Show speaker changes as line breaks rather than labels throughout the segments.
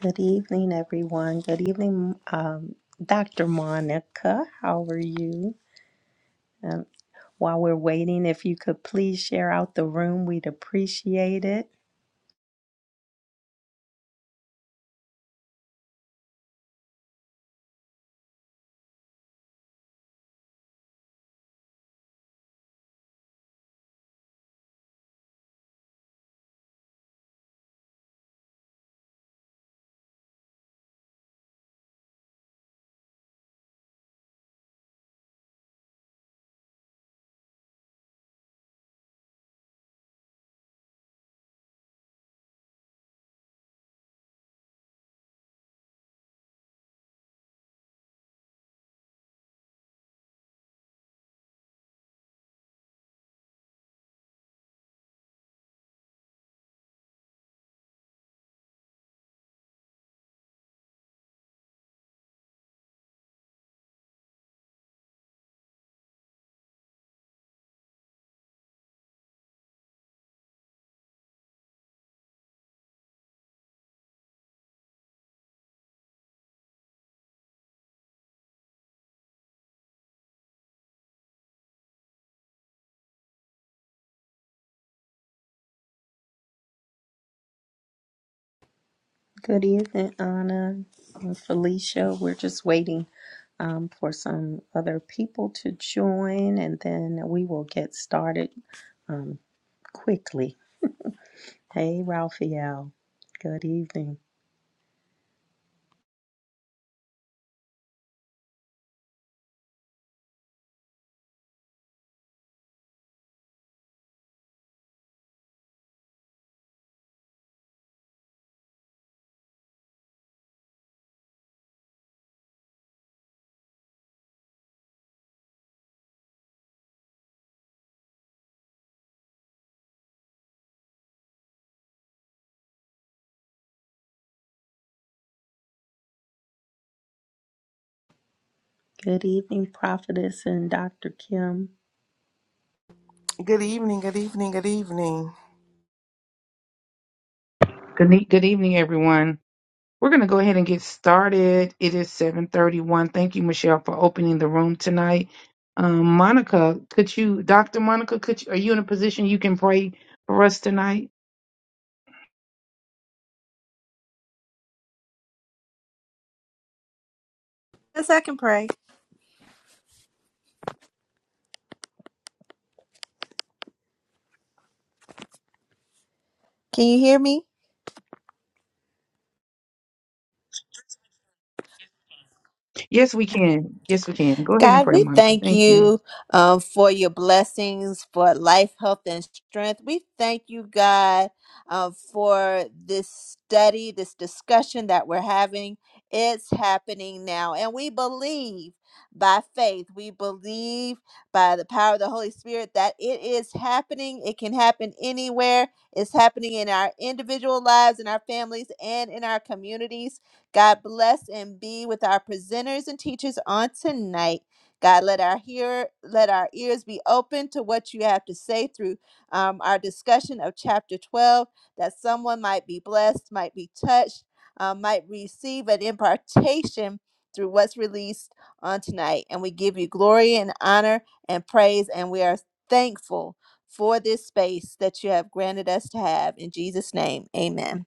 Good evening, everyone. Good evening, um, Dr. Monica. How are you? And while we're waiting, if you could please share out the room, we'd appreciate it. Good evening, Anna and Felicia. We're just waiting um, for some other people to join, and then we will get started um, quickly. Hey, Raphael. Good evening. Good evening, Prophetess and Dr. Kim.
Good evening, good evening, good evening.
Good, ne- good evening, everyone. We're going to go ahead and get started. It is 731. Thank you, Michelle, for opening the room tonight. Um, Monica, could you, Dr. Monica, could you, are you in a position you can pray for us tonight?
Yes, I can pray. Can you hear me?
Yes, we can. Yes, we can. Go ahead and
God,
pray,
we
Monica.
thank
Thank you.
you um, for your blessings, for life, health, and strength. We thank you, God, uh, for this study, this discussion that we're having. It's happening now. And we believe by faith, we believe by the power of the Holy Spirit that it is happening. It can happen anywhere. It's happening in our individual lives, in our families, and in our communities. God bless and be with our presenters and teachers on tonight. God, let our hear, let our ears be open to what you have to say through um, our discussion of chapter 12, that someone might be blessed, might be touched, uh, might receive an impartation through what's released on tonight. And we give you glory and honor and praise, and we are thankful for this space that you have granted us to have. In Jesus' name, amen.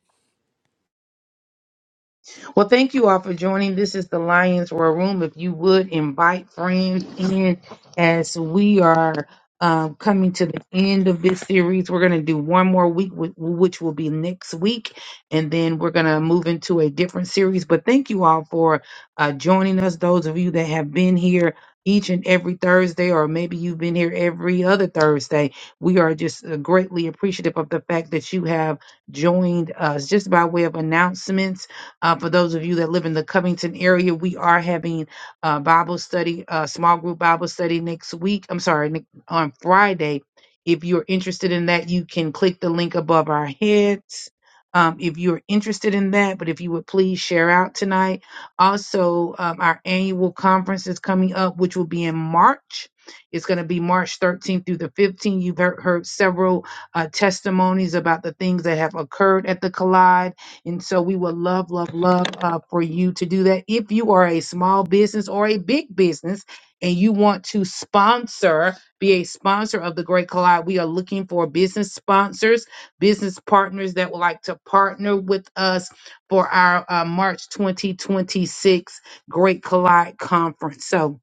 Well, thank you all for joining. This is the Lions Roar Room. If you would invite friends in as we are um, coming to the end of this series, we're going to do one more week, wh- which will be next week. And then we're going to move into a different series. But thank you all for uh, joining us, those of you that have been here. Each and every Thursday, or maybe you've been here every other Thursday. We are just uh, greatly appreciative of the fact that you have joined us. Just by way of announcements, uh, for those of you that live in the Covington area, we are having uh, Bible study, uh, small group Bible study next week. I'm sorry, ne- on Friday. If you're interested in that, you can click the link above our heads. Um, if you're interested in that, but if you would please share out tonight. Also, um, our annual conference is coming up, which will be in March. It's going to be March 13th through the 15th. You've heard, heard several uh, testimonies about the things that have occurred at the Collide and so we would love, love, love uh, for you to do that. If you are a small business or a big business and you want to sponsor, be a sponsor of the Great Collide, we are looking for business sponsors, business partners that would like to partner with us for our uh, March 2026 Great Collide Conference. So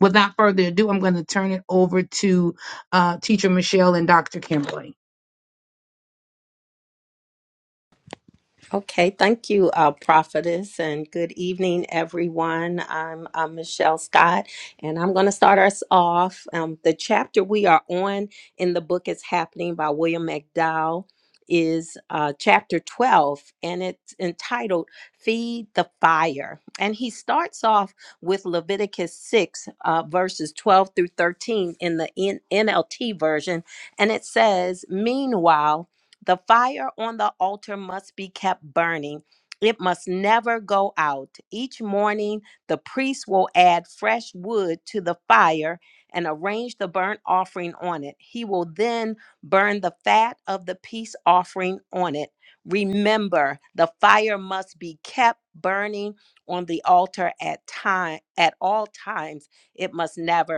without further ado, I'm going to turn it over to uh, Teacher Michelle and Dr. Kimberly.
Okay, thank you, uh, Prophetess, and good evening, everyone. I'm, uh Michelle Scott, and I'm going to start us off. Um, the chapter we are on in the book is happening by William McDowell is uh, chapter 12, and it's entitled "Feed the Fire." And he starts off with Leviticus 6, uh, verses 12 through 13 in the NLT version, and it says, "Meanwhile." The fire on the altar must be kept burning. It must never go out. Each morning, the priest will add fresh wood to the fire and arrange the burnt offering on it. He will then burn the fat of the peace offering on it. Remember, the fire must be kept burning on the altar at time at all times. It must never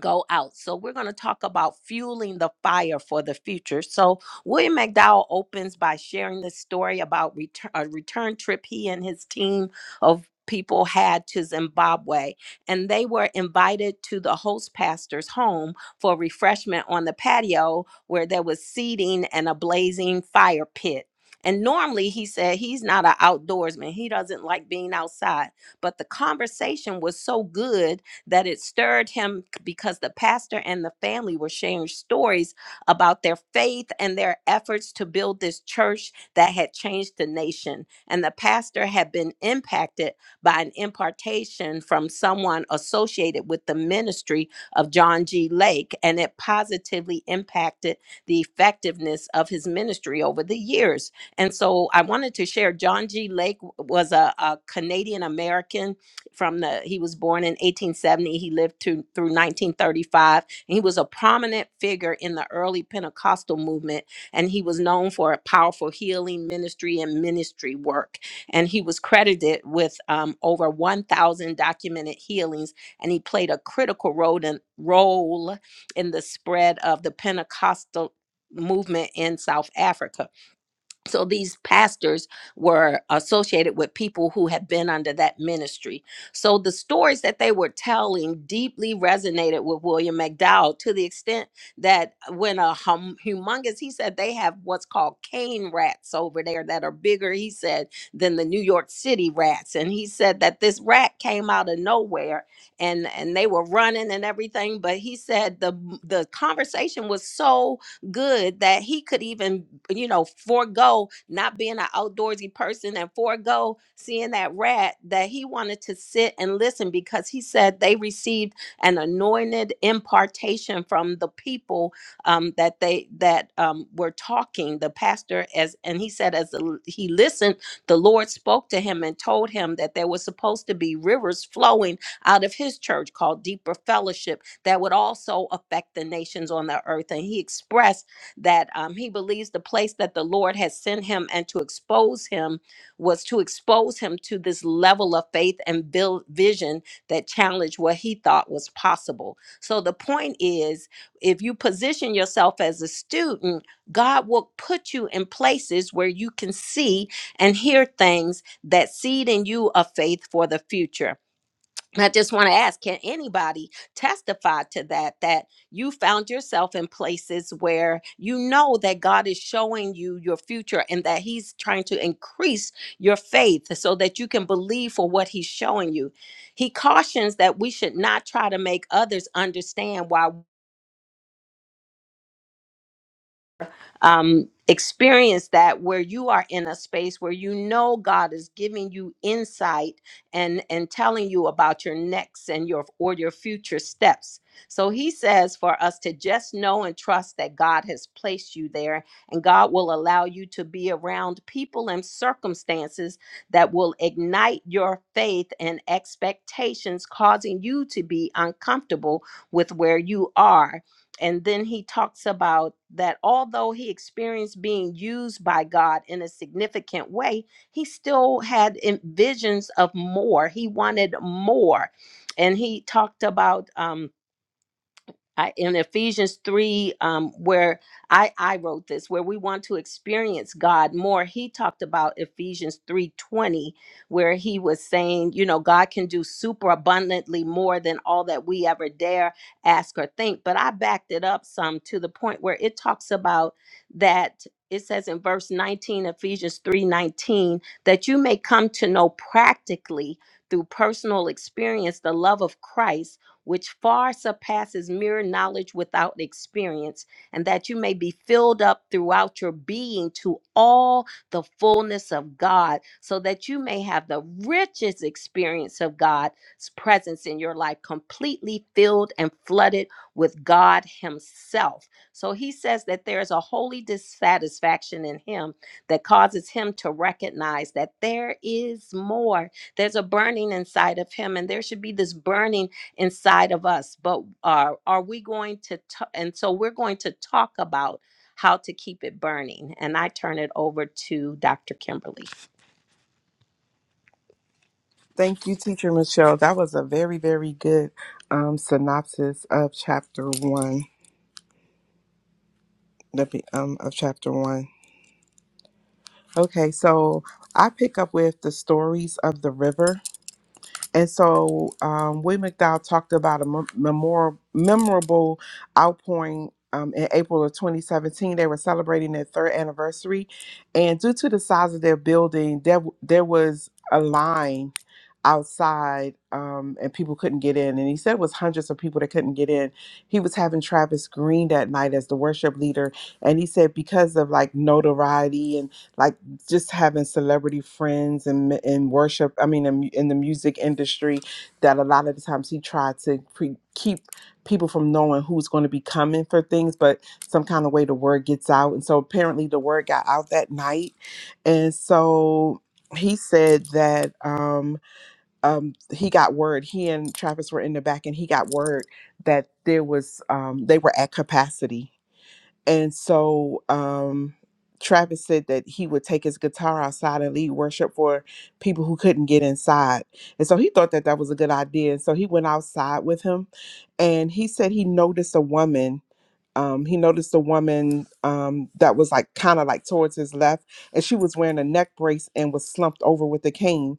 go out. So we're going to talk about fueling the fire for the future. So William McDowell opens by sharing this story about return, a return trip he and his team of people had to Zimbabwe and they were invited to the host pastor's home for refreshment on the patio where there was seating and a blazing fire pit. And normally he said he's not an outdoorsman. He doesn't like being outside, but the conversation was so good that it stirred him because the pastor and the family were sharing stories about their faith and their efforts to build this church that had changed the nation. And the pastor had been impacted by an impartation from someone associated with the ministry of John G. Lake, and it positively impacted the effectiveness of his ministry over the years. And so I wanted to share John G. Lake w- was a, a Canadian American from the he was born in 1870 he lived to, through 1935 and he was a prominent figure in the early pentecostal movement and he was known for a powerful healing ministry and ministry work and he was credited with um, over 1000 documented healings and he played a critical role in, role in the spread of the pentecostal movement in south africa so these pastors were associated with people who had been under that ministry. So the stories that they were telling deeply resonated with William McDowell to the extent that when a hum, humongous, he said they have what's called cane rats over there that are bigger, he said, than the New York City rats. And he said that this rat came out of nowhere and and they were running and everything. But he said the the conversation was so good that he could even, you know, forego not being an outdoorsy person and forego seeing that rat that he wanted to sit and listen because he said they received an anointed impartation from the people um, that they that um, were talking. The pastor as and he said as the, he listened, the Lord spoke to him and told him that there was supposed to be rivers flowing out of his church called Deeper Fellowship that would also affect the nations on the earth. And he expressed that um, he believes the place that the Lord has sent him and to expose him was to expose him to this level of faith and build vision that challenged what he thought was possible. So the point is, if you position yourself as a student, God will put you in places where you can see and hear things that seed in you a faith for the future. I just want to ask can anybody testify to that? That you found yourself in places where you know that God is showing you your future and that He's trying to increase your faith so that you can believe for what He's showing you. He cautions that we should not try to make others understand why. um, experience that where you are in a space where you know God is giving you insight and and telling you about your next and your or your future steps. So he says for us to just know and trust that God has placed you there and God will allow you to be around people and circumstances that will ignite your faith and expectations causing you to be uncomfortable with where you are and then he talks about that although he experienced being used by God in a significant way, he still had in- visions of more. He wanted more. And he talked about, um, I, in Ephesians 3, um, where I, I wrote this, where we want to experience God more, he talked about Ephesians 3.20, where he was saying, you know, God can do super abundantly more than all that we ever dare ask or think. But I backed it up some to the point where it talks about that it says in verse 19, Ephesians 3.19, that you may come to know practically through personal experience the love of Christ which far surpasses mere knowledge without experience, and that you may be filled up throughout your being to all the fullness of God, so that you may have the richest experience of God's presence in your life, completely filled and flooded with God Himself. So he says that there is a holy dissatisfaction in Him that causes Him to recognize that there is more. There's a burning inside of Him, and there should be this burning inside of us but are are we going to t- and so we're going to talk about how to keep it burning and i turn it over to dr kimberly
Thank you, Teacher Michelle. That was a very, very good um, synopsis of chapter one. the be- Um, of chapter one. Okay, so I pick up with the stories of the river. And so um, William McDowell talked about a mem- memor- memorable outpouring um, in April of 2017. They were celebrating their third anniversary. And due to the size of their building, there, w- there was a line outside um, and people couldn't get in. And he said it was hundreds of people that couldn't get in. He was having Travis Green that night as the worship leader. And he said because of like notoriety and like just having celebrity friends and in, in worship i mean in, in the music industry that a lot of the times he tried to pre- keep people from knowing who's going to be coming for things but some kind of way the word gets out and so apparently the word got out that night and so he said that um, um, he got word he and travis were in the back and he got word that there was um, they were at capacity and so um, Travis said that he would take his guitar outside and lead worship for people who couldn't get inside. And so he thought that that was a good idea. And so he went outside with him and he said he noticed a woman um, he noticed a woman um, that was like kind of like towards his left, and she was wearing a neck brace and was slumped over with a cane.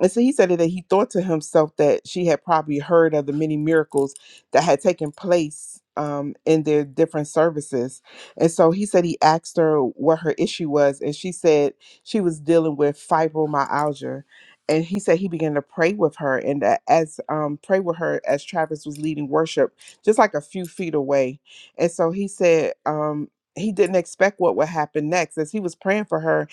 And so he said that he thought to himself that she had probably heard of the many miracles that had taken place um, in their different services. And so he said he asked her what her issue was, and she said she was dealing with fibromyalgia. And he said he began to pray with her, and that as um, pray with her as Travis was leading worship, just like a few feet away and so he said um, he didn't expect what would happen next. As he was praying for her,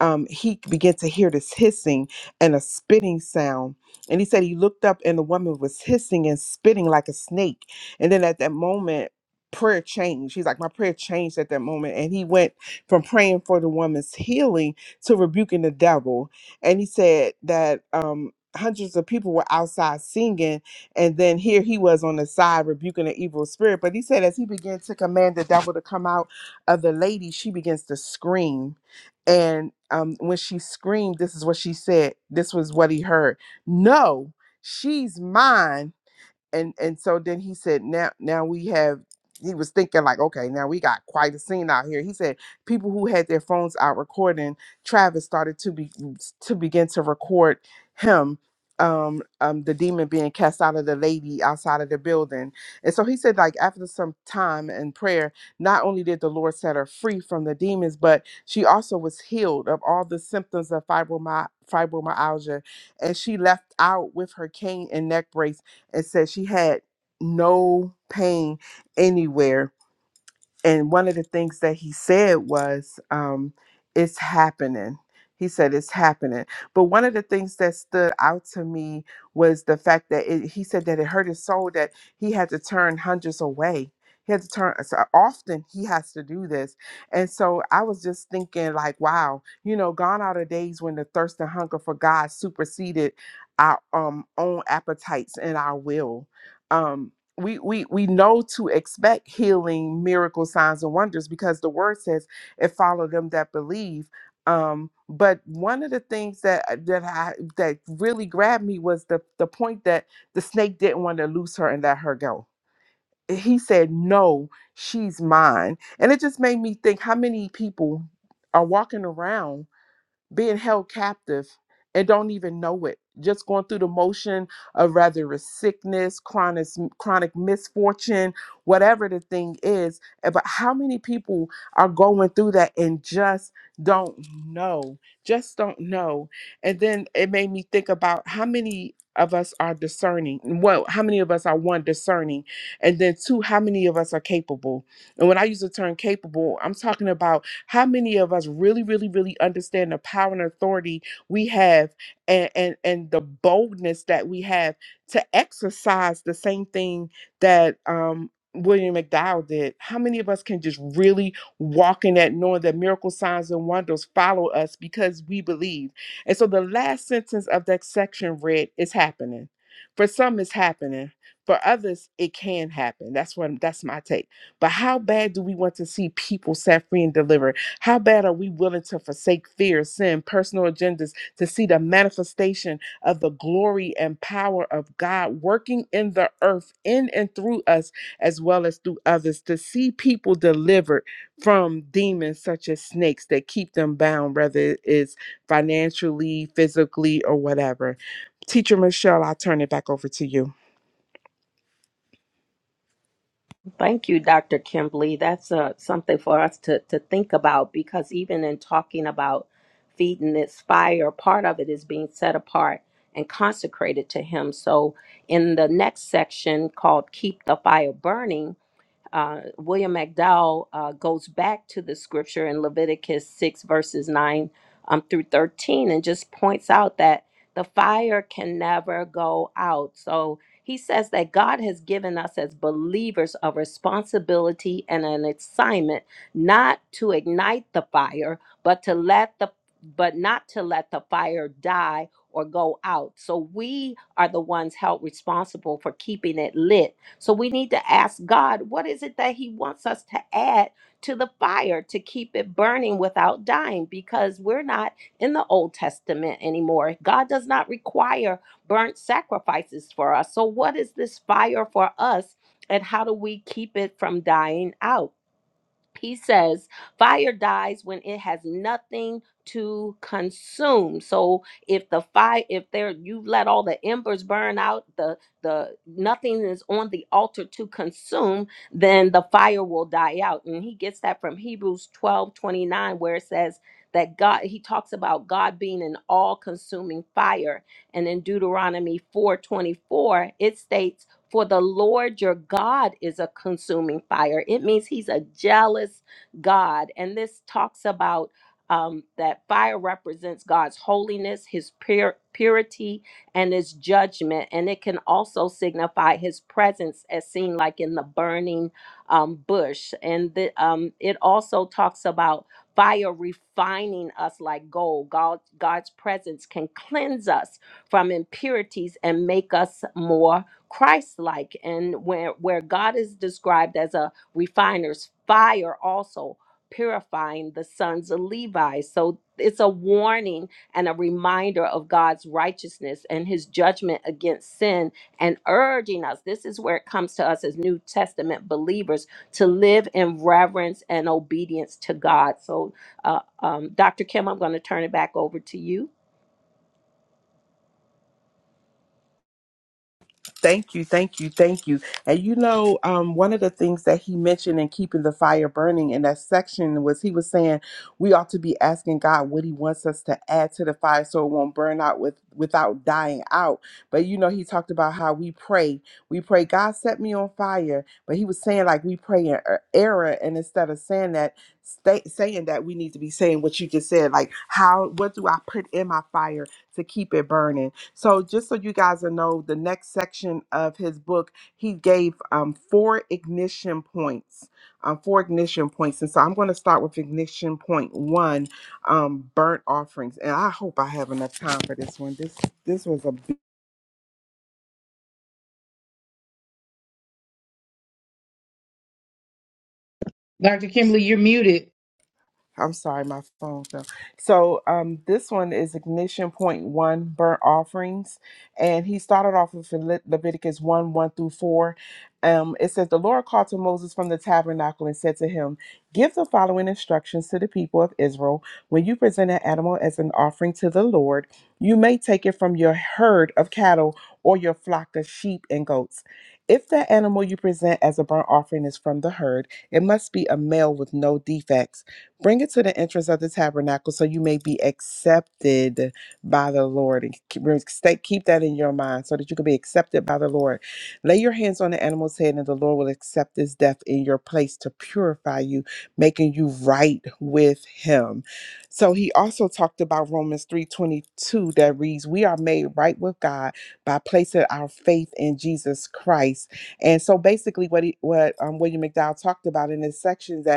um, he began to hear this hissing and a spitting sound. And he said he looked up and the woman was hissing and spitting like a snake. And then at that moment, prayer changed. He's like, My prayer changed at that moment. And he went from praying for the woman's healing to rebuking the devil. And he said that um, hundreds of people were outside singing and then here he was on the side rebuking the evil spirit. But he said, as he began to command the devil to come out of the lady, she begins to scream. And um, when she screamed, this is what she said. This was what he heard. No, she's mine and and so then he said now now we have he was thinking like okay now we got quite a scene out here he said people who had their phones out recording travis started to be to begin to record him um um the demon being cast out of the lady outside of the building and so he said like after some time and prayer not only did the lord set her free from the demons but she also was healed of all the symptoms of fibromy- fibromyalgia and she left out with her cane and neck brace and said she had no pain anywhere and one of the things that he said was um, it's happening he said it's happening but one of the things that stood out to me was the fact that it, he said that it hurt his soul that he had to turn hundreds away he had to turn so often he has to do this and so i was just thinking like wow you know gone are the days when the thirst and hunger for god superseded our um, own appetites and our will Um, we we we know to expect healing miracle signs and wonders because the word says it follow them that believe um but one of the things that uh, that i that really grabbed me was the the point that the snake didn't want to loose her and let her go he said no she's mine and it just made me think how many people are walking around being held captive and don't even know it just going through the motion of rather it's sickness chronic chronic misfortune whatever the thing is Eh, but how many people are going through that and just don't know just don't know and then it made me think about how many of us are discerning well how many of us are one discerning and then two how many of us are capable and when i use the term capable i'm talking about how many of us really, really, really understand the power and authority we have and, and, and the boldness that we have to exercise the same thing that um, William McDowell did? How many of us can just really walk in that knowing that miracle signs and wonders follow us because we believe? And so the last sentence of that section read, It's happening. For some, it's happening. For others, it can happen. That's what that's my take. But how bad do we want to see people set free and delivered? How bad are we willing to forsake fear, sin, personal agendas to see the manifestation of the glory and power of God working in the earth, in and through us, as well as through others, to see people delivered from demons such as snakes that keep them bound, whether it is financially, physically, or whatever? Teacher Michelle, I'll turn it back over to you.
Thank you, Dr. Kimberly. That's uh, something for us to, to think about because even in talking about feeding this fire, part of it is being set apart and consecrated to Him. So, in the next section called Keep the Fire Burning, uh, William McDowell uh, goes back to the scripture in Leviticus 6, verses 9 um, through 13, and just points out that the fire can never go out. So he says that God has given us as believers a responsibility and an assignment not to ignite the fire, but to let the but not to let the fire die or go out. So we are the ones held responsible for keeping it lit so we need to ask God, what is it that He wants us to add to the fire to keep it burning without dying? Because we're not in the Old Testament anymore. God does not require burnt sacrifices for us. So, what is this fire for us? And how do we keep it from dying out? he says fire dies when it has nothing to consume so if the fire if there you've let all the embers burn out the the nothing is on the altar to consume then the fire will die out and he gets that from hebrews 12 29, where it says that god he talks about god being an all-consuming fire and in deuteronomy 4 24, it states for the Lord your God is a consuming fire. It means he's a jealous God. And this talks about um, that fire represents God's holiness, his pure, purity, and his judgment. And it can also signify his presence, as seen like in the burning um, bush. And the, um, it also talks about fire refining us like gold. God, God's presence can cleanse us from impurities and make us more Christ-like and where where God is described as a refiner's fire also purifying the sons of Levi. So it's a warning and a reminder of God's righteousness and his judgment against sin and urging us. This is where it comes to us as New Testament believers to live in reverence and obedience to God. So uh, um, Dr. Kim, I'm going to turn it back over to you.
Thank you, thank you, thank you. And you know, um, one of the things that he mentioned in keeping the fire burning in that section was he was saying we ought to be asking God what He wants us to add to the fire so it won't burn out with without dying out. But you know, he talked about how we pray, we pray, God set me on fire. But he was saying like we pray in er- error, and instead of saying that, stay, saying that we need to be saying what you just said, like how what do I put in my fire to keep it burning? So, just so you guys know, the next section of his book, he gave um, four ignition points, um, four ignition points. And so I'm going to start with ignition point one, um, burnt offerings. And I hope I have enough time for this one. This this was a
Dr. Kimberly, you're muted.
I'm sorry, my phone fell. So um, this one is ignition point one burnt offerings, and he started off with Le- Leviticus one one through four. Um, it says the Lord called to Moses from the tabernacle and said to him, "Give the following instructions to the people of Israel: When you present an animal as an offering to the Lord, you may take it from your herd of cattle or your flock of sheep and goats. If the animal you present as a burnt offering is from the herd, it must be a male with no defects." Bring it to the entrance of the tabernacle so you may be accepted by the Lord. And keep stay- keep that in your mind so that you can be accepted by the Lord. Lay your hands on the animal's head, and the Lord will accept his death in your place to purify you, making you right with him. So he also talked about Romans 3:22 that reads, We are made right with God by placing our faith in Jesus Christ. And so basically what he, what um, William McDowell talked about in this section that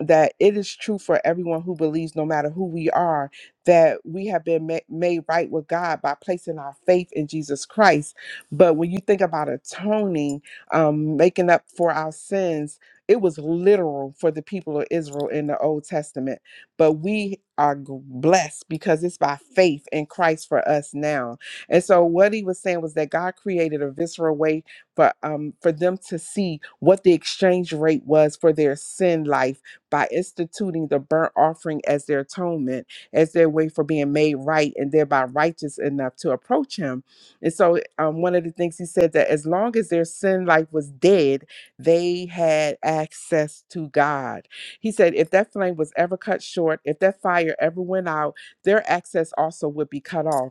that it is true for everyone who believes, no matter who we are, that we have been ma- made right with God by placing our faith in Jesus Christ. But when you think about atoning, um, making up for our sins, it was literal for the people of Israel in the Old Testament. But we are g- blessed because it's by faith in Christ for us now. And so what he was saying was that God created a visceral way for um for them to see what the exchange rate was for their sin life by instituting the burnt offering as their atonement, as their way for being made right and thereby righteous enough to approach him. And so, um, one of the things he said that as long as their sin life was dead, they had access to God. He said, if that flame was ever cut short, if that fire ever went out, their access also would be cut off.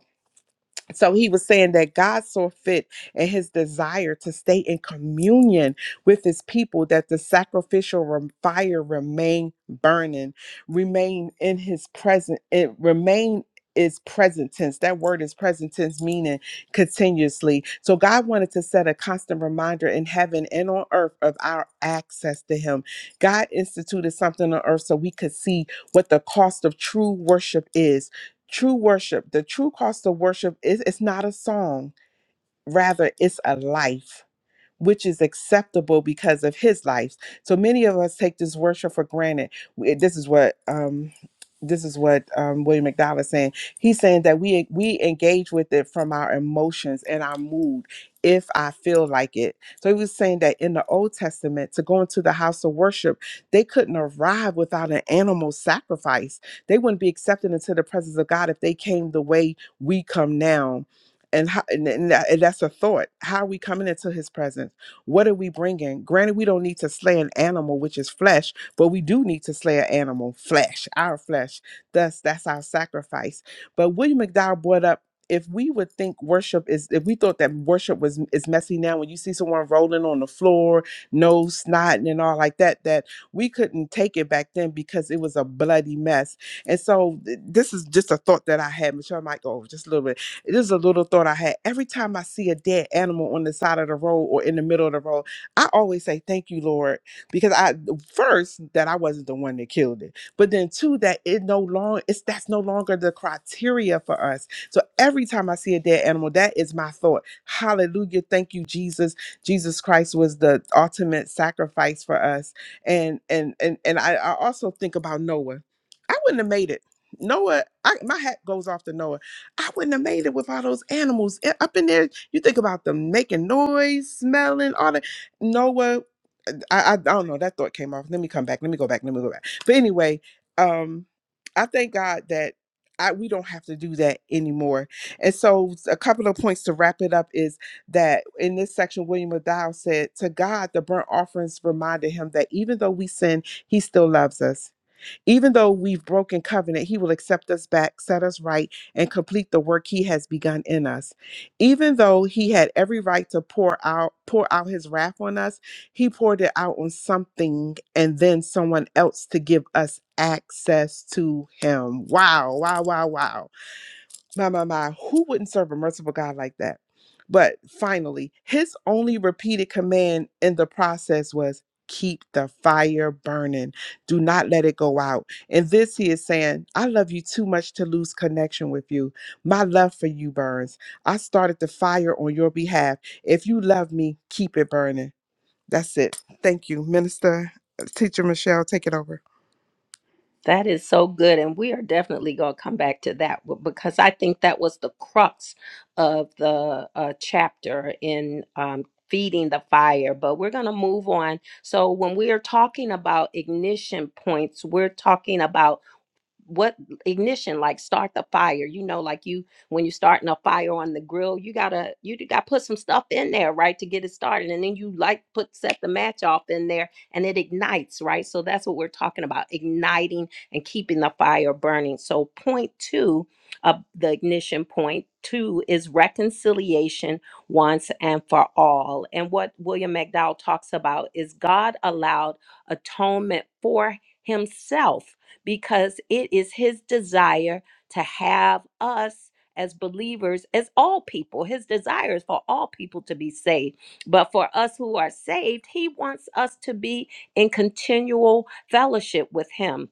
So he was saying that God saw fit in his desire to stay in communion with his people that the sacrificial rem- fire remain burning, remain in his present. it remain is present tense. That word is present tense, meaning continuously. So God wanted to set a constant reminder in heaven and on earth of our access to him. God instituted something on earth so we could see what the cost of true worship is True worship, the true cost of worship is it's not a song, rather it's a life which is acceptable because of his life. So many of us take this worship for granted. We- This is what um this is what um, William McDowell is saying. He's saying that we we engage with it from our emotions and our mood, if I feel like it. So he was saying that in the Old Testament, to go into the house of worship, they couldn't arrive without an animal sacrifice. They wouldn't be accepted into the presence of God if they came the way we come now and how and, and that, and that's a thought how are we coming into his presence what are we bringing granted we don't need to slay an animal which is flesh but we do need to slay an animal flesh our flesh thus that's our sacrifice but william mcdowell brought up if we would think worship is if we thought that worship was is messy now when you see someone rolling on the floor nose snotting and all like that that we couldn't take it back then because it was a bloody mess and so th- this is just a thought that i had michelle might go just a little bit this is a little thought I had. Every time I see a dead animal on the side of the road or in the middle of the road, I always say, Thank you, Lord. Because I first that I wasn't the one that killed it. But then two, that it no longer it's that's no longer the criteria for us. So every time I see a dead animal, that is my thought. Hallelujah. Thank you, Jesus. Jesus Christ was the ultimate sacrifice for us. And and and and I, I also think about Noah. I wouldn't have made it. Noah, I, my hat goes off to Noah I wouldn't have made it with all those animals a- up in there. You think about them making noise, smelling, all that. Noah, I, I, I don't know. That thought came off. Let me come back. Let me go back. Let me go back. But anyway, um, I thank God that I we don't have to do that anymore. And so, a couple of points to wrap it up is that in this section, William McDowell said, "To God, the burnt offerings reminded him that even though we sin, He still loves us." Even though we've broken covenant, he will accept us back, set us right, and complete the work he has begun in us. Even though he had every right to pour out pour out his wrath on us, he poured it out on something and then someone else to give us access to him. Wow, wow, wow, wow. My, my, my, who wouldn't serve a merciful God like that? But finally, his only repeated command in the process was keep the fire burning, do not let it go out. And this he is saying, I love you too much to lose connection with you. My love for you burns. I started the fire on your behalf. If you love me, keep it burning. That's it. Thank you, Minister. uh, Teacher Michelle, take it over.
That is so good. And we are definitely going to come back to that w- because I think that was the crux of the uh, chapter in um, feeding the fire. But we're going to move on. So, when we are talking about ignition points, we're talking about what ignition like start the fire you know like you when you're starting a fire on the grill you gotta you gotta put some stuff in there right to get it started and then you like put set the match off in there and it ignites right so that's what we're talking about igniting and keeping the fire burning so point two of the ignition point two is reconciliation once and for all and what william mcdowell talks about is god allowed atonement for himself because it is his desire to have us as believers, as all people. His desire is for all people to be saved. But for us who are saved, he wants us to be in continual fellowship with him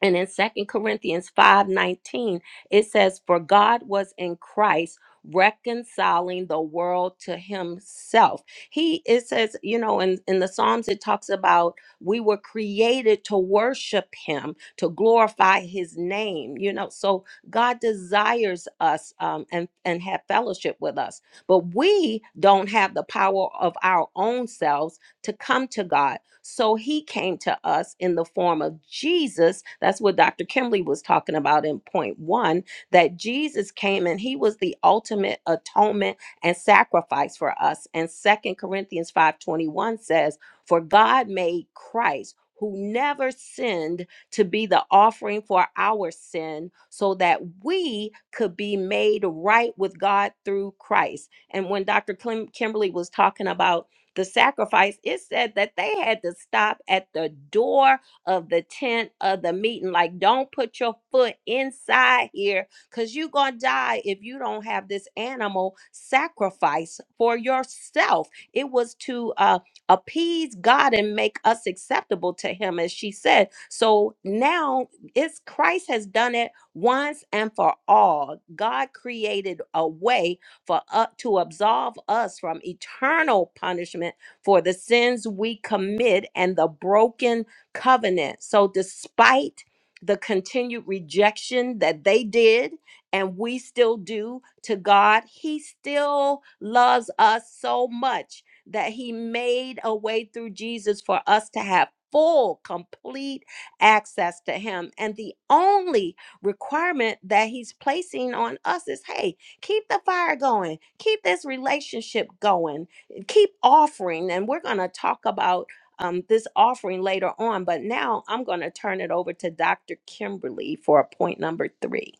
and in Second Corinthians 5:19, it says, For God was in Christ reconciling the world to himself. He it says, you know, in, in the Psalms, it talks about we were created to worship him, to glorify his name, you know. So God desires us um, and, and have fellowship with us. But we don't have the power of our own selves to come to God. So he came to us in the form of Jesus. That's what Dr. Kimberly was talking about in point one that Jesus came and he was the ultimate atonement and sacrifice for us. And Second Corinthians 5:21 says, "For God made Christ who never sinned to be the offering for our sin so that we could be made right with God through Christ." And when Dr. Kim- Kimberly was talking about the sacrifice, it said that they had to stop at the door of the tent of the meeting. Like, don't put your foot inside here because you're going to die if you don't have this animal sacrifice for yourself. It was to uh, appease God and make us acceptable to Him, as she said. So now it's Christ has done it once and for all. God created a way for uh, to absolve us from eternal punishment for the sins we commit and the broken covenant. So despite the continued rejection that they did and we still do to God, he still loves us so much that he made a way through Jesus for us to have full, complete access to him. And the only requirement that he's placing on us is hey, Keep the fire going. Keep this relationship going. Keep offering. And we're going to talk about um, this offering later on. But now I'm going to turn it over to Dr. Kimberly for point number three.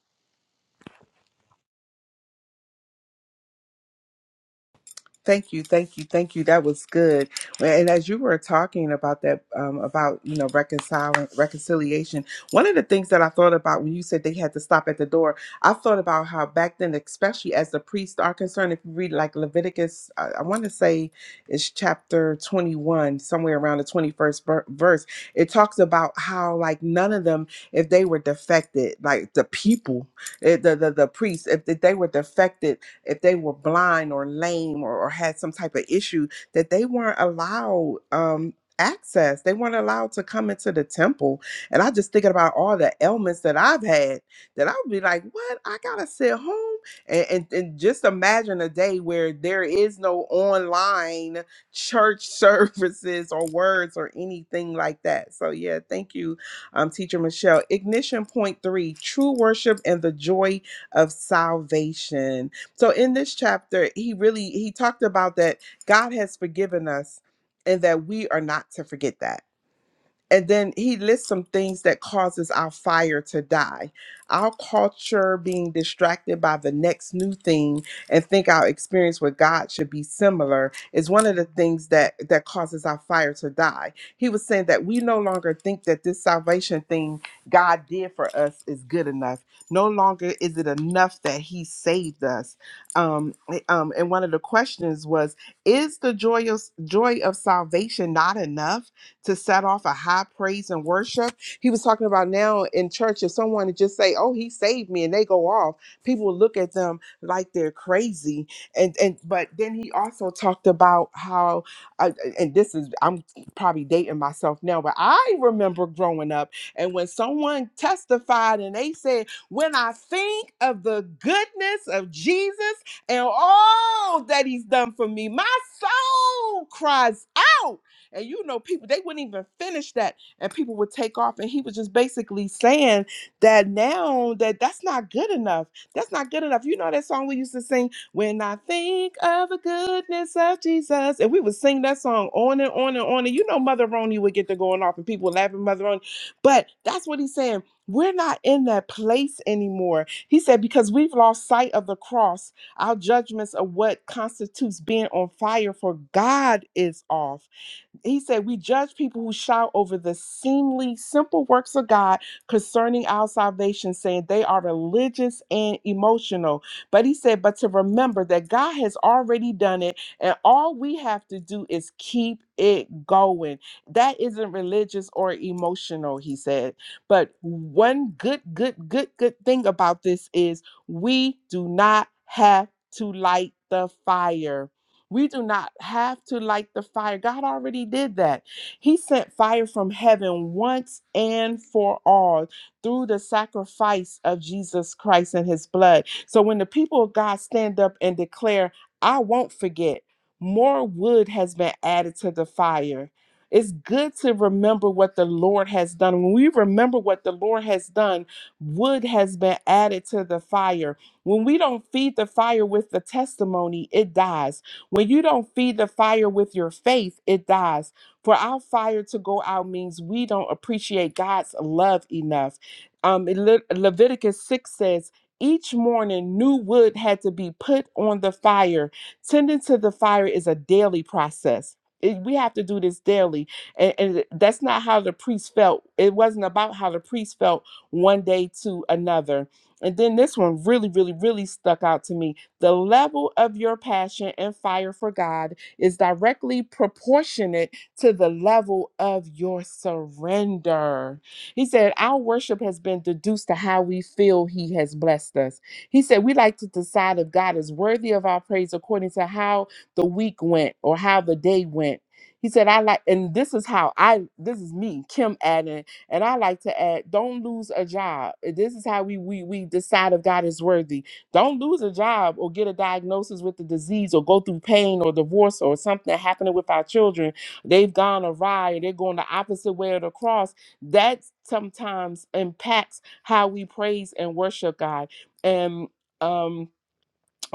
Thank you, thank you, thank you. That was good. Well, And as you were talking about that, um, about you know reconciling reconciliation, one of the things that I thought about when you said they had to stop at the door, I thought about how back then, especially as the priests are concerned, if you read like Leviticus, I, I want to say it's chapter twenty-one, somewhere around the twenty-first ver- verse. It talks about how like none of them, if they were defected, like the people, eh, the the, the priests, if they were defected if they were blind or lame or, or had some type of issue, that they weren't allowed um, access. They weren't allowed to come into the temple. And I just thinking about all the ailments that I've had that I would be like, what? I gotta sit home. And, and, and just imagine a day where there is no online church services or words or anything like that. So yeah, thank you, um, teacher Michelle. Ignition point three, true worship and the joy of salvation. So in this chapter, he really he talked about that God has forgiven us and that we are not to forget that and then he lists some things that causes our fire to die our culture being distracted by the next new thing and think our experience with god should be similar is one of the things that that causes our fire to die he was saying that we no longer think that this salvation thing god did for us is good enough no longer is it enough that he saved us um, eh, um and one of the questions was is the joyous joy of salvation not enough to set off a high praise and worship. He was talking about now in church, if someone would just say, Oh, he saved me, and they go off, people will look at them like they're crazy. And and but then he also talked about how uh, and this is I'm probably dating myself now, but I remember growing up and when someone testified and they said, When I think of the goodness of Jesus and all that he's done for me, my soul cries out. And you know, people they wouldn't even finish that, and people would take off. And he was just basically saying that now that that's not good enough. That's not good enough. You know that song we used to sing when I think of the goodness of Jesus, and we would sing that song on and on and on. And you know, Mother Roney would get to going off, and people would laugh at Mother Roney. But that's what he's saying. We're not in that place anymore. He said, because we've lost sight of the cross our judgments of what constitutes being on fire for God is off he said, We judge people who shout over the seemly, simple works of God concerning our salvation, saying they are religious and emotional. But he said, But to remember that God has already done it, and all we have to do is keep it going. That isn't religious or emotional, he said. But one good, good, good, good thing about this is we do not have to light the fire we do not have to light the fire. God already did that. He sent fire from heaven once and for all through the sacrifice of Jesus Christ and his blood. So when the people of God stand up and declare, I won't forget, more wood has been added to the fire. It's good to remember what the Lord has done. When we remember what the Lord has done, wood has been added to the fire. When we don't feed the fire with the testimony, it dies. When you don't feed the fire with your faith, it dies. For our fire to go out means we don't appreciate God's love enough. Um, Le- Leviticus 6 says, each morning, new wood had to be put on the fire. Tending to the fire is a daily process. It- we have to do this daily. And, and that's not how the priest felt. It wasn't about how the priest felt one day to another. And then this one really, really, really stuck out to me the level of your passion and fire for God is directly proportionate to the level of your surrender. He said, Our worship has been deduced to how we feel He has blessed us. He said, We like to decide if God is worthy of our praise according to how the week went or how the day went. He said, I like, and this is how I, this is me, Kim adding, and I like to add, don't lose a job. This is how we we we decide if God is worthy don't lose a job or get a diagnosis with the disease or go through pain or divorce or something happening with our children. They've gone awry and they're going the opposite way of the cross. That sometimes impacts how we praise and worship God. And um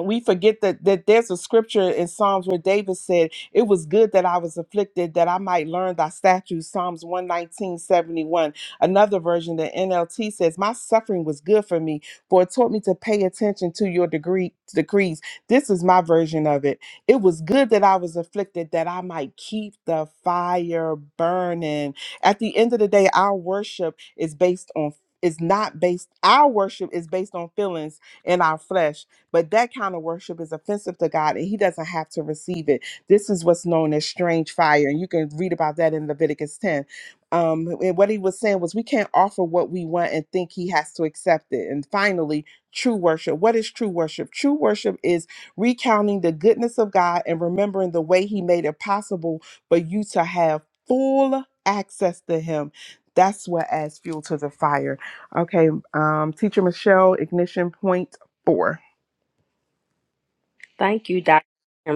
we forget that that there's a scripture in Psalms where David said, It was good that I was afflicted, that I might learn thy statutes. Psalms one nineteen seventy one. Another version, the NLT says, My suffering was good for me, for it taught me to pay attention to your degree decrees. This is my version of it. It was good that I was afflicted, that I might keep the fire burning. At the end of the day, our worship is based on is not based our worship is based on feelings in our flesh but that kind of worship is offensive to God and he doesn't have to receive it. This is what's known as strange fire. And you can read about that in Leviticus 10. Um, and what he was saying was, we can't offer what we want and think he has to accept it. And finally, true worship. What is true worship? True worship is recounting the goodness of God and remembering the way he made it possible for you to have full access to him. That's what adds fuel to the fire. Okay, um, Teacher Michelle, ignition point four.
Thank you, Dr.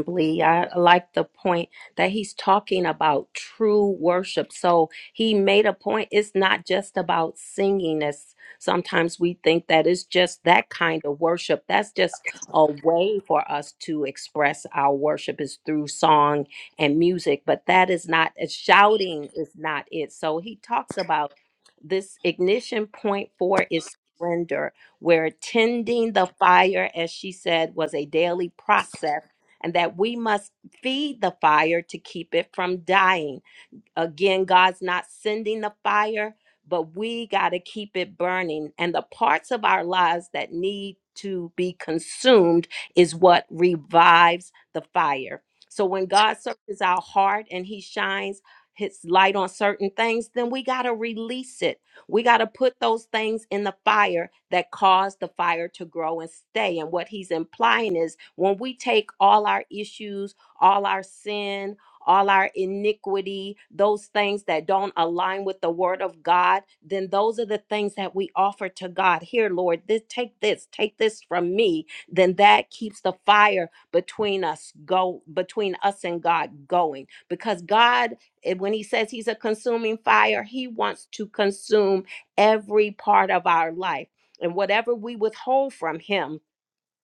Blee. I like the point that he's talking about true worship. So he made a point. It's not just about singing, as sometimes we think that it's just that kind of worship. That's just a way for us to express our worship is through song and music, but that is not, uh, shouting is not it. So he talks about this ignition point for is surrender where tending the fire, as she said, was a daily process, and that we must feed the fire to keep it from dying. Again, God's not sending the fire, but we got to keep it burning. And the parts of our lives that need to be consumed is what revives the fire. So when God searches our heart and he shines his light on certain things, then we got to release it. We got to put those things in the fire that cause the fire to grow and stay. And what he's implying is when we take all our issues, all our sin, all our iniquity, those things that don't align with the word of God, then those are the things that we offer to God. Here, Lord, this take this, take this from me. Then that keeps the fire between us go between us and God going. Because God, eh, when he says he's a consuming fire, he wants to consume every part of our life. And whatever we withhold from him,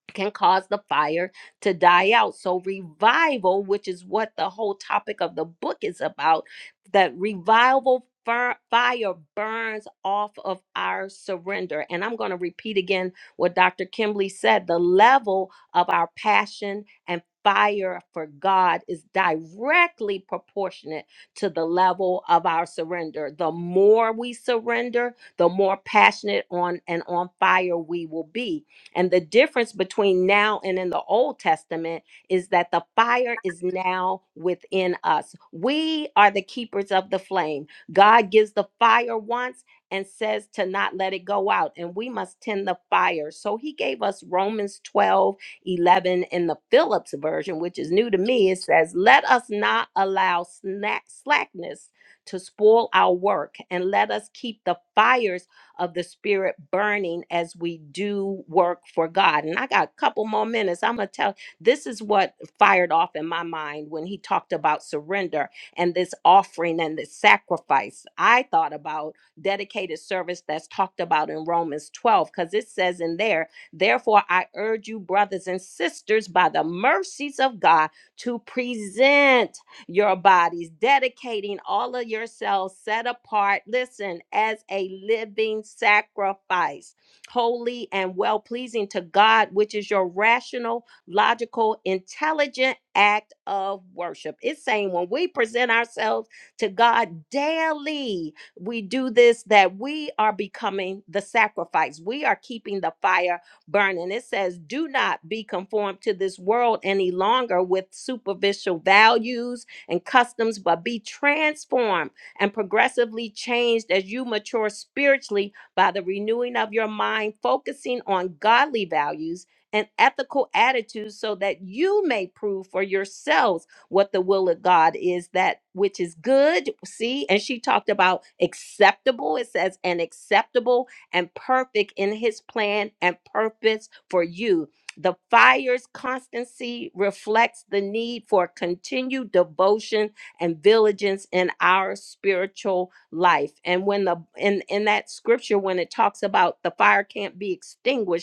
can cause the fire to die out. So, revival, which is what the whole topic of the book is about, that revival fir- fire burns off of our surrender. And I'm going to repeat again what Dr. Kimberly said the level of our passion and Fire for God is directly proportionate to the level of our surrender. The more we surrender, the more passionate on and on fire we will be and the difference between now and in the Old Testament is that the fire is now within us. We are the keepers of the flame. God gives the fire once and says to not let it go out, and we must tend the fire. So he gave us Romans 12 11 in the Phillips version, which is new to me. It says, Let us not allow snack- slackness to spoil our work, and let us keep the fires of the spirit burning as we do work for God. And I got a couple more minutes. I'm going to tell this is what fired off in my mind when he talked about surrender and this offering and this sacrifice. I thought about dedicated service that's talked about in Romans 12 cuz it says in there, therefore I urge you brothers and sisters by the mercies of God to present your bodies, dedicating all of yourselves set apart, listen, as a living sacrifice, holy and well pleasing to God, which is your rational, logical, intelligent act of worship. It's saying when we present ourselves to God daily, we do this that we are becoming the sacrifice. We are keeping the fire burning. It says, Do not be conformed to this world any longer with superficial values and customs, but be transformed and progressively changed as you mature spiritually by the renewing of your mind, focusing on godly values and ethical attitudes so that you may prove for yourselves what the will of God is that which is good. See, and she talked about acceptable. It says, and acceptable and perfect in his plan and purpose for you. The fire's constancy reflects the need for continued devotion and vigilance in our spiritual life. And when the in in that scripture, when it talks about the fire can't be extinguished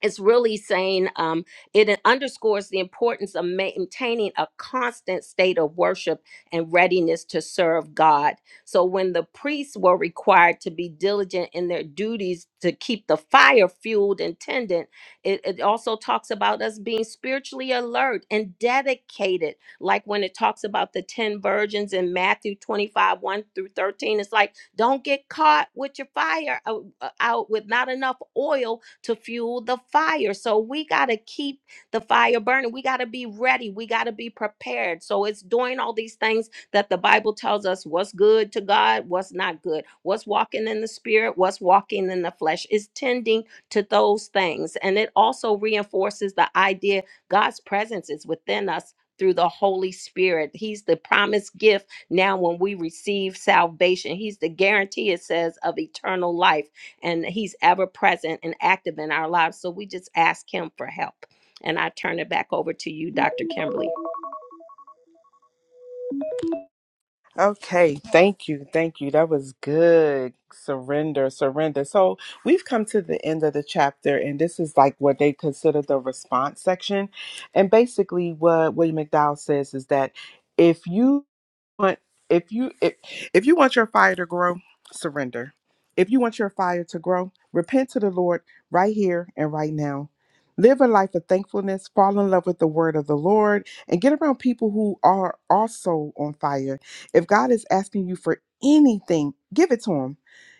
it's really saying um, it underscores the importance of maintaining a constant state of worship and readiness to serve God. So, when the priests were required to be diligent in their duties to keep the fire fueled and tended, it, it also talks about us being spiritually alert and dedicated. Like when it talks about the 10 virgins in Matthew 25 1 through 13, it's like don't get caught with your fire out, uh, out with not enough oil to fuel the fire. So we got to keep the fire burning. We got to be ready. We got to be prepared. So it's doing all these things that the Bible tells us what's good to God, what's not good, what's walking in the spirit, what's walking in the flesh. It's tending to those things. And it also reinforces the idea God's presence is within us through the Holy Spirit. He's the promised gift now, when we receive salvation, He's the guarantee, it says, of eternal life, and He's ever present and active in our lives. So we just ask Him for help. And I turn it back over to you, Dr. Kimberly.
Okay, thank you. Thank you. That was good. Surrender, surrender. So, we've come to the end of the chapter, and this is like what they consider the response section. And basically, what William McDowell says is that if you want if you if, if you want your fire to grow, surrender. If you want your fire to grow, repent to the Lord right here and right now. Live a life of thankfulness, fall in love with the word of the Lord, and get around people who are also on fire if God is asking you for anything, give it to Him.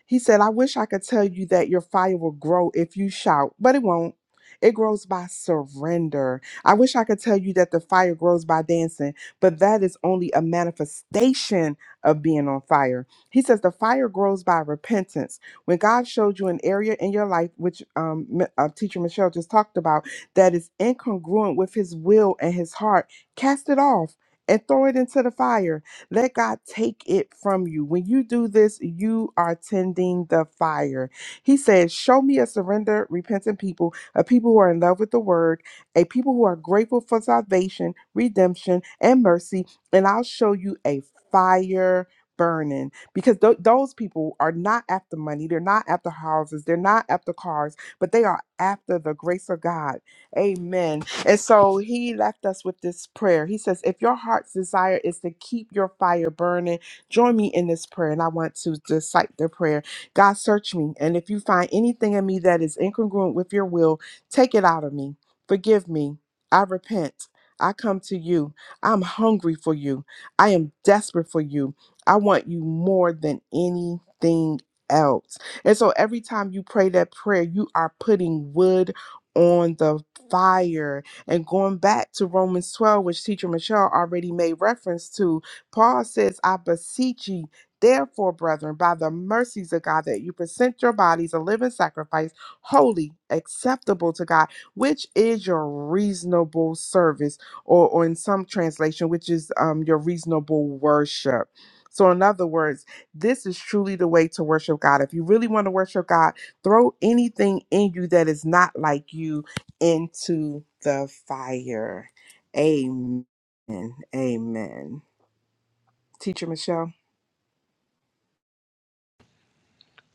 He said, I wish I could tell you that your fire will grow if you shout, but it won't. It grows by surrender. I wish I could tell you that the fire grows by dancing, but that is only a manifestation of being on fire. He says the fire grows by repentance. When God showed you an area in your life, which um, M- uh, teacher Michelle just talked about, that is incongruent with his will and his heart, cast it off and throw it into the fire. Let God take it from you. When you do this, you are tending the fire. He says, Show me a surrendered, repentant people, a people who are in love with the word, a people who are grateful for salvation, redemption, and mercy, and I'll show you a fire burning because tho- those people are not after money they're not after houses they're not after cars but they are after the grace of god amen and so he left us with this prayer. He says, If your heart's desire is to keep your fire burning, join me in this prayer. And I want to recite the prayer God, search me. And if you find anything in me that is incongruent with your will, take it out of me. Forgive me. I repent. I come to you. I'm hungry for you. I am desperate for you. I want you more than anything else. And so every time you pray that prayer, you are putting wood on the fire and going back to Romans 12, which Teacher Michelle already made reference to, Paul says, I beseech ye, therefore, brethren, by the mercies of God, that you present your bodies a living sacrifice, holy, acceptable to God, which is your reasonable service, or, or in some translation, which is um, your reasonable worship. So, in other words, this is truly the way to worship God. If you really want to worship God, throw anything in you that is not like you into the fire. Amen. Amen. Teacher Michelle.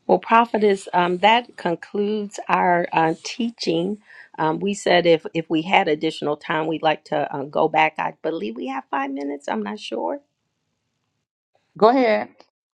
Well, prophetess, um, that concludes our uh, teaching. Um, we said if if we had additional time, we'd like to uh, go back. I believe we have five minutes. I'm not sure.
Go ahead.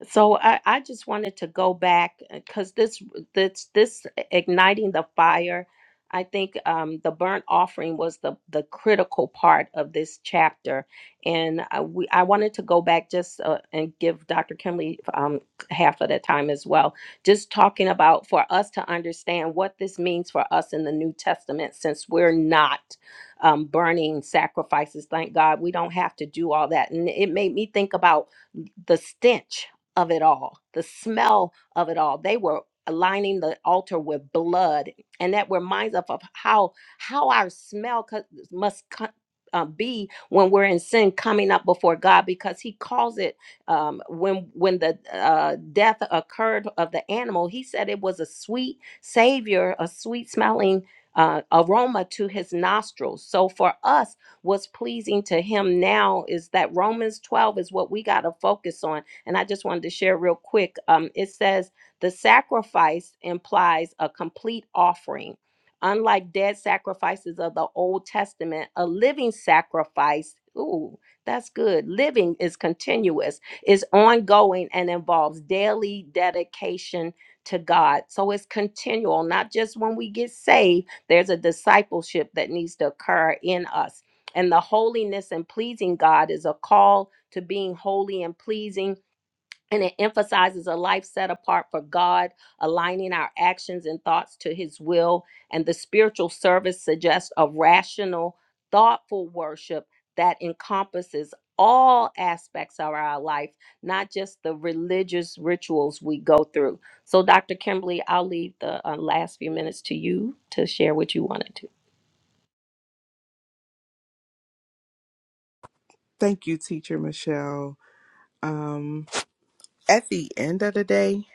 So I, I just wanted to go back because this this this igniting the fire, I think um, the burnt offering was the the critical part of this chapter, and I, we, I wanted to go back just uh, and give Dr. Kimley um, half of the time as well, just talking about for us to understand what this means for us in the New Testament, since we're not um, burning sacrifices. Thank God we don't have to do all that, and it made me think about the stench of it all, the smell of it all. They were aligning the altar with blood, and that reminds us of how how our smell co- must co- uh, be when we're in sin, coming up before God, because He calls it um, when when the uh, death occurred of the animal. He said it was a sweet savior, a sweet smelling. Uh, aroma to his nostrils. So for us, what's pleasing to him now is that Romans 12 is what we got to focus on and I just wanted to share real quick. Um, it says the sacrifice implies a complete offering. Unlike dead sacrifices of the Old Testament, a living sacrifice, ooh, that's good. Living is continuous, is ongoing, and involves daily dedication to God. So it's continual, not just when we get saved. There's a discipleship that needs to occur in us. And the holiness and pleasing God is a call to being holy and pleasing and it emphasizes a life set apart for God, aligning our actions and thoughts to His will. And the spiritual service suggests a rational, thoughtful worship that encompasses all aspects of our life, not just the religious rituals we go through. So, Dr. Kimberly, I'll leave the uh, last few minutes to you to share what you wanted to.
Thank you, Teacher Michelle. Um, at the end of the day,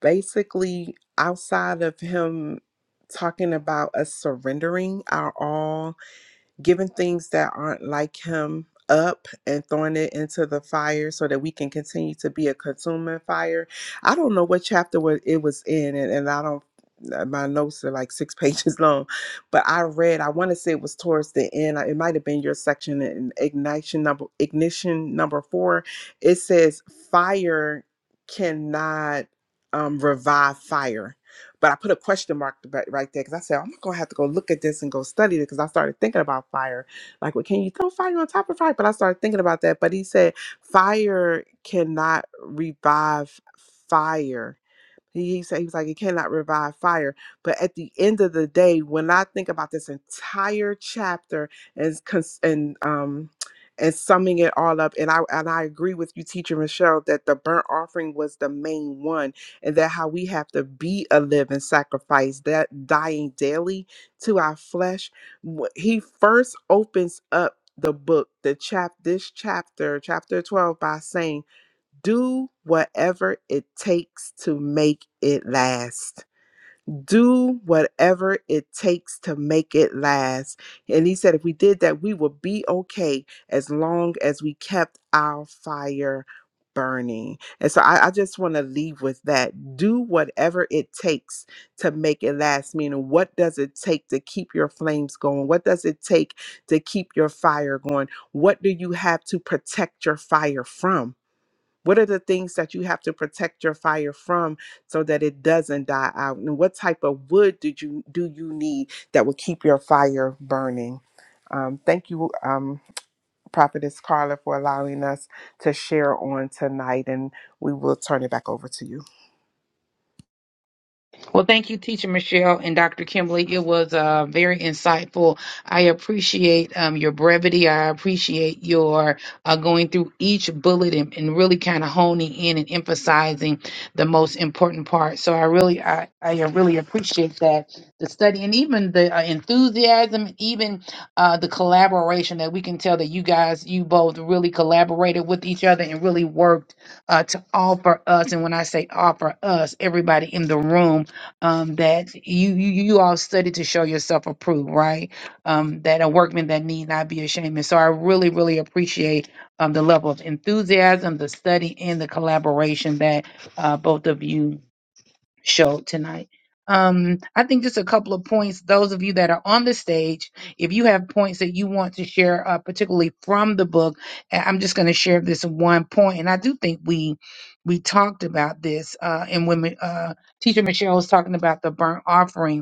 basically, outside of him talking about us surrendering our all giving things that aren't like him up and throwing it into the fire so that we can continue to be a consuming fire. I don't know what chapter wa- it was in, and, and I don't. uh, My notes are like six pages long, but I read. I want to say it was towards the end. uh, It might have been your section in ignition number ignition number four. It says fire cannot um, revive fire but I put a question mark right right there because I said, I'm going to have to go look at this and go study it because I started thinking about fire. Like, well, can you throw fire on top of fire? But I started thinking about that. But he said, fire cannot revive fire he, he said he was like, it cannot revive fire. But at the end of the day, when I think about this entire chapter and cons- and um and summing it all up, and I and I agree with you, teacher Michelle, that the burnt offering was the main one, and that how we have to be a living sacrifice, that dying daily to our flesh. Wh- He first opens up the book, the chap this chapter, chapter 12, by saying do whatever it takes to make it last. Do whatever it takes to make it last. And he said, if we did that, we would be okay as long as we kept our fire burning. And so I, I just want to leave with that. Do whatever it takes to make it last. Meaning, what does it take to keep your flames going? What does it take to keep your fire going? What do you have to protect your fire from? What are the things that you have to protect your fire from so that it doesn't die out? And what type of wood did you do you need that will keep your fire burning? Um, thank you, um, Prophetess Carla, for allowing us to share on tonight, and we will turn it back over to you.
Well, thank you, Teacher Michelle and Dr. Kimberly. It was uh, very insightful. I appreciate um, your brevity. I appreciate your uh, going through each bullet and, and really kind of honing in and emphasizing the most important part. So I really, I, I uh, really appreciate that the study and even the uh, enthusiasm, even uh, the collaboration that we can tell that you guys, you both really collaborated with each other and really worked uh, to offer us. And when I say offer us, everybody in the room um, that you, you you all study to show yourself approved, right? Um, that a workman that need not be ashamed. And so I really, really appreciate um, the level of enthusiasm, the study, and the collaboration that uh, both of you show tonight. Um, I think just a couple of points. Those of you that are on the stage, if you have points that you want to share, uh, particularly from the book, a- I'm just going to share this one point. And I do think we we talked about this, uh, and when we, uh, Teacher Michelle was talking about the burnt offering,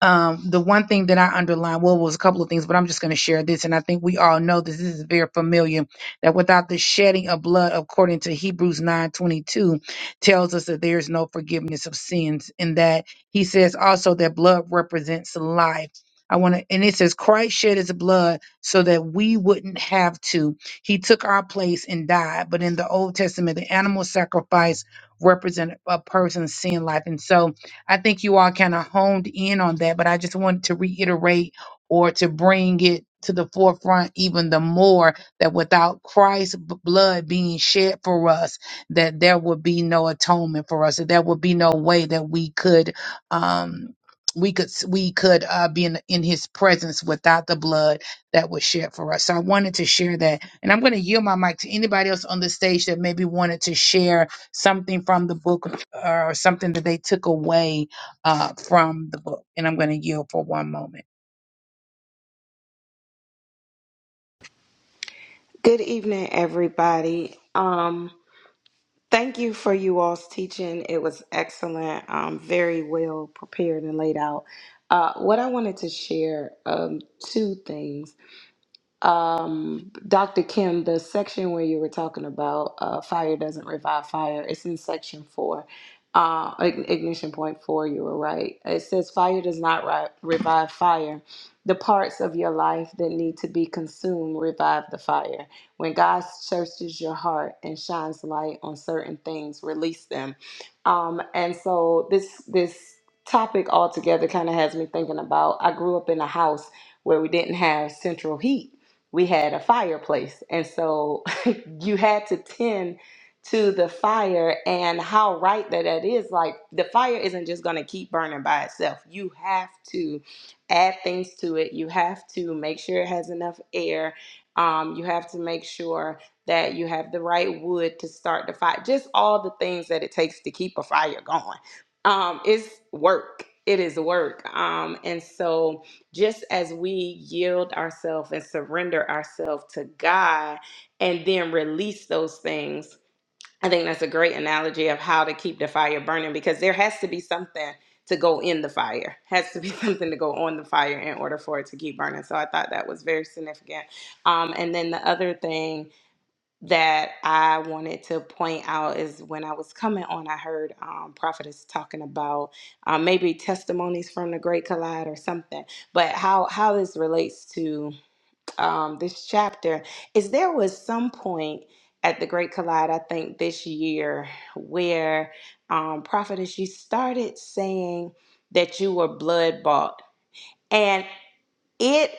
um, the one thing that I underlined, well, it was a couple of things, but I'm just going to share this. And I think we all know this. This is very familiar that without the shedding of blood, according to Hebrews 9:22, tells us that there is no forgiveness of sins. And that he says also that blood represents life. I want to, and it says Christ shed his blood so that we wouldn't have to. He took our place and died. But in the Old Testament, the animal sacrifice represented a person's sin life. And so, I think you all kind of honed in on that, but I just wanted to reiterate or to bring it to the forefront even the more that without Christ's b- blood being shed for us, that there would be no atonement for us, that there would be no way that we could um we could we could uh, be in, in his presence without the blood that was shed for us. So I wanted to share that, and I'm going to yield my mic to anybody else on the stage that maybe wanted to share something from the book or something that they took away uh, from the book. And I'm going to yield for one moment.
Good evening, everybody. Um, thank you for you all's teaching. It was excellent, um, very well prepared and laid out. Uh, what I wanted to share um, two things. Um, Dr. Kim, the section where you were talking about uh, fire doesn't revive fire, it's in section four, uh, ign- ignition point four. You were right. It says fire does not ri- revive fire. The parts of your life that need to be consumed revive the fire. When God searches your heart and shines light on certain things, release them. Um, and so this this topic altogether kind of has me thinking about. I grew up in a house where we didn't have central heat we had a fireplace. And so you had to tend to the fire and how right that that is. Like the fire isn't just going to keep burning by itself. You have to add things to it. You have to make sure it has enough air. Um, you have to make sure that you have the right wood to start the fire. Just all the things that it takes to keep a fire going. Um, it's work. It is work. Um, and so just as we yield ourselves and surrender ourselves to God and then release those things. I think that's a great analogy of how to keep the fire burning because there has to be something to go in the fire, has to be something to go on the fire in order for it to keep burning. So I thought that was very significant. Um, and then the other thing that I wanted to point out is when I was coming on, I heard um, prophetess talking about um, maybe testimonies from the Great Collide or something, but how how this relates to um, this chapter is there was some point at the Great Collide, I think this year, where um, prophetess you started saying that you were blood bought, and it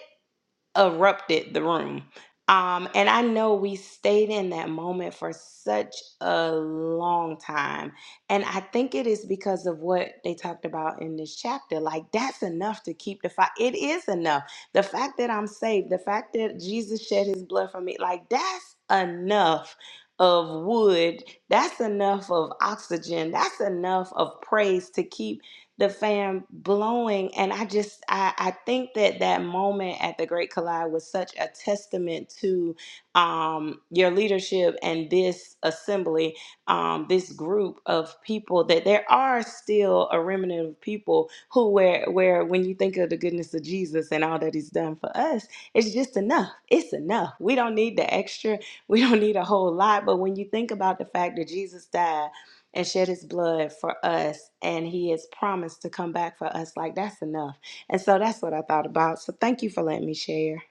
erupted the room. Um, and I know we stayed in that moment for such a long time. And I think it is because of what they talked about in this chapter. Like, that's enough to keep the fight. It is enough. The fact that I'm saved, the fact that Jesus shed his blood for me, like, that's enough of wood. That's enough of oxygen. That's enough of praise to keep the fan blowing and i just I, I think that that moment at the great collide was such a testament to um, your leadership and this assembly um, this group of people that there are still a remnant of people who where where when you think of the goodness of jesus and all that he's done for us it's just enough it's enough we don't need the extra we don't need a whole lot but when you think about the fact that jesus died and shed his blood for us and he has promised to come back for us like that's enough and so that's what i thought about so thank you for letting me share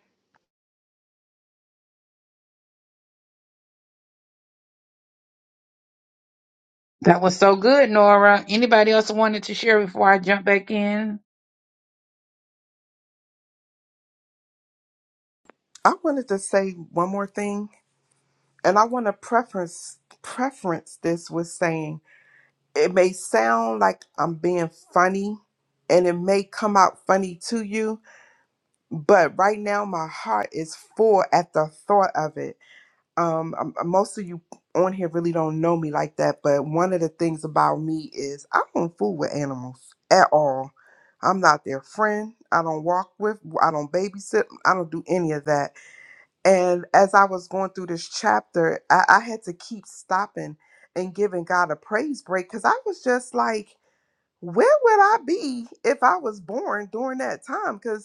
That was so good, Nora. Anybody else wanted to share before I jump back in?
I wanted to say one more thing, and I want to preference preference this with saying it may sound like I'm being funny and it may come out funny to you, but right now my heart is full at the thought of it. Um, um, uh, most of you on here really don't know me like that, but one of the things about me is I don't fool with animals at all. I'm not their friend. I don't walk with, I don't babysit, I don't do any of that. And as I was going through this chapter, I, I had to keep stopping and giving God a praise break because I was just like, where would I be if I was born during that time? Because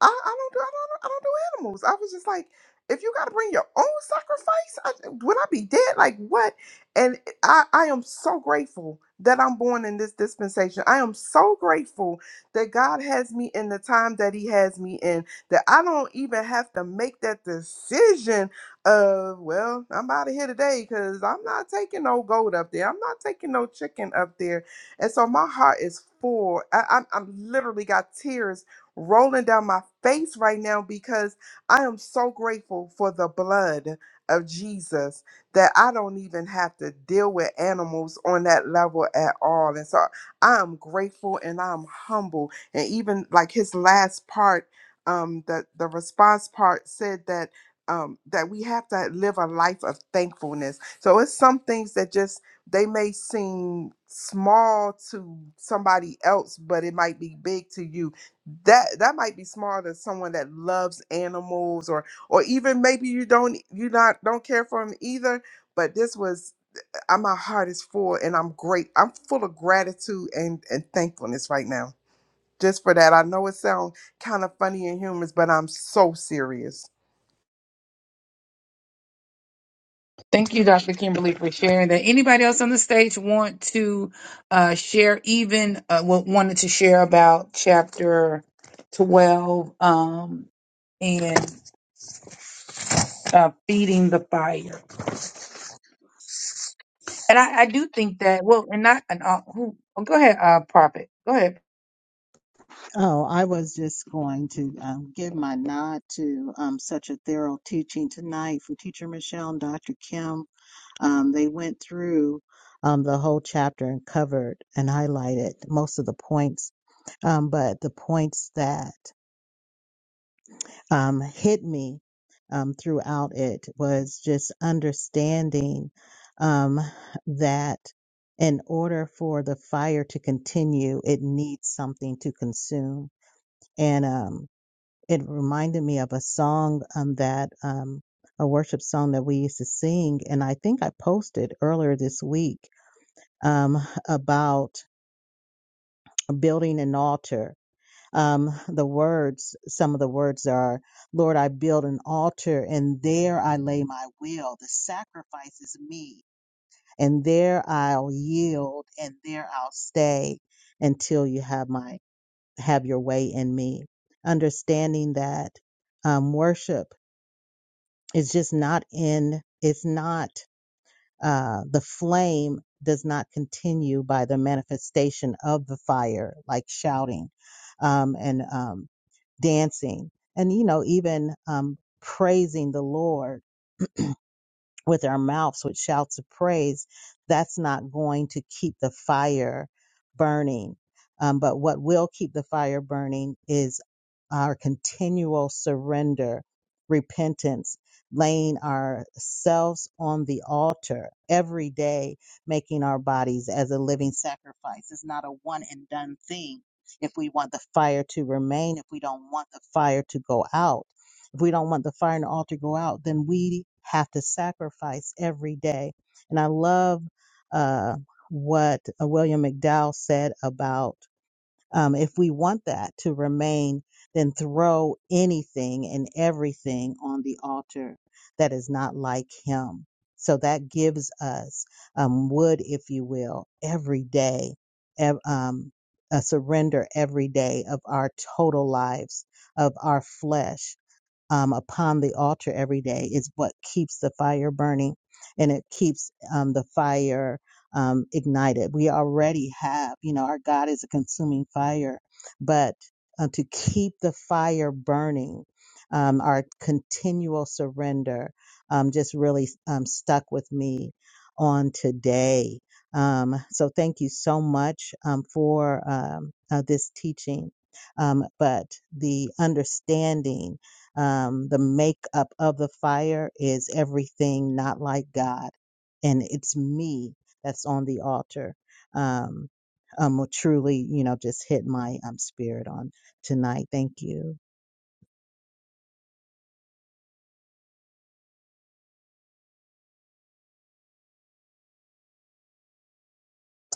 I, I don't do I don't, I don't do animals. I was just like, if you gotta bring your own sacrifice, I, would I be dead? Like what? And I I am so grateful that I'm born in this dispensation. I am so grateful that God has me in the time that He has me in. That I don't even have to make that decision of well, I'm out of here today because I'm not taking no goat up there. I'm not taking no chicken up there. And so my heart is full. I, i I'm literally got tears rolling down my face right now because I am so grateful for the blood of Jesus that I don't even have to deal with animals on that level at all. And so I am grateful and I'm humble. And even like his last part, um, the, the response part said that um, that we have to live a life of thankfulness. So it's some things that just they may seem small to somebody else, but it might be big to you that that might be smarter than someone that loves animals or or even maybe you don't you not don't care for them either but this was I, my heart is full and i'm great i'm full of gratitude and and thankfulness right now just for that i know it sounds kind of funny and humorous but i'm so serious
Thank you, Dr. Kimberly, for sharing that. Anybody else on the stage want to uh, share, even uh, wa- wanted to share about chapter 12 um, and uh, feeding the fire? And I, I do think that, well, and not, and, uh, who, oh, go ahead, uh, Prophet. Go ahead,
Oh, I was just going to um, give my nod to um, such a thorough teaching tonight from Teacher Michelle and Dr. Kim. Um, they went through um, the whole chapter and covered and highlighted most of the points. Um, but the points that um, hit me um, throughout it was just understanding um, that in order for the fire to continue, it needs something to consume. And um, it reminded me of a song um, that um, a worship song that we used to sing, and I think I posted earlier this week um, about building an altar. Um, the words, some of the words are, "Lord, I build an altar, and there I lay my will. The sacrifice is me, and there I'll yield, and there I'll stay until you have my have your way in me." Understanding that um, worship. it's just not in it's not uh the flame does not continue by the manifestation of the fire like shouting um and um dancing and you know even um praising the lord with our mouths with shouts of praise, that's not going to keep the fire burning. Um, but what will keep the fire burning is our continual surrender, repentance, laying ourselves on the altar every day, making our bodies as a living sacrifice. It's not a one and done thing. If we want the fire to remain, if we don't want the fire to go out, if we don't want the fire and the altar to go out, then we have to sacrifice every day. And I love uh, what uh, William McDowell said about um, if we want that to remain, then throw anything and everything on the altar that is not like him. So that gives us um, wood, if you will, every day, ev- um, a surrender every day of our total lives, of our flesh, um, upon the altar every day is what keeps the fire burning and it keeps um, the fire um, ignited. We already have, you know, our God is a consuming fire, but uh, to keep the fire burning, um, our continual surrender um, just really um, stuck with me on today. Um, so thank you so much um, for um, uh, this teaching. Um, but the understanding um, the makeup of the fire is everything not like God, and it's me that's on the altar. Um, um, what truly, you know, just hit my um spirit on tonight. Thank you,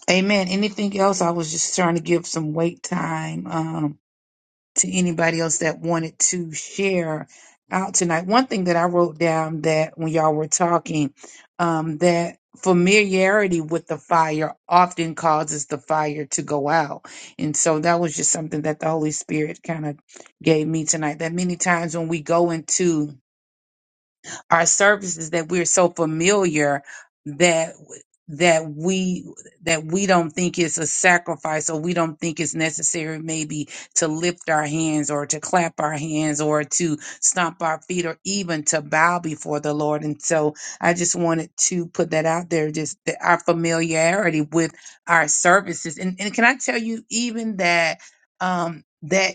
Amen. Anything else? I was just trying to give some wait time um, to anybody else that wanted to share out tonight. One thing that I wrote down that when y'all were talking, um, that familiarity with the fire often causes the fire to go out. And so that was just something that the Holy Spirit kind of gave me tonight. That many times when we go into our services that we're so familiar that that we that we don't think it's a sacrifice or we don't think it's necessary maybe to lift our hands or to clap our hands or to stomp our feet or even to bow before the Lord. And so I just wanted to put that out there, just that our familiarity with our services. And, and can I tell you even that um that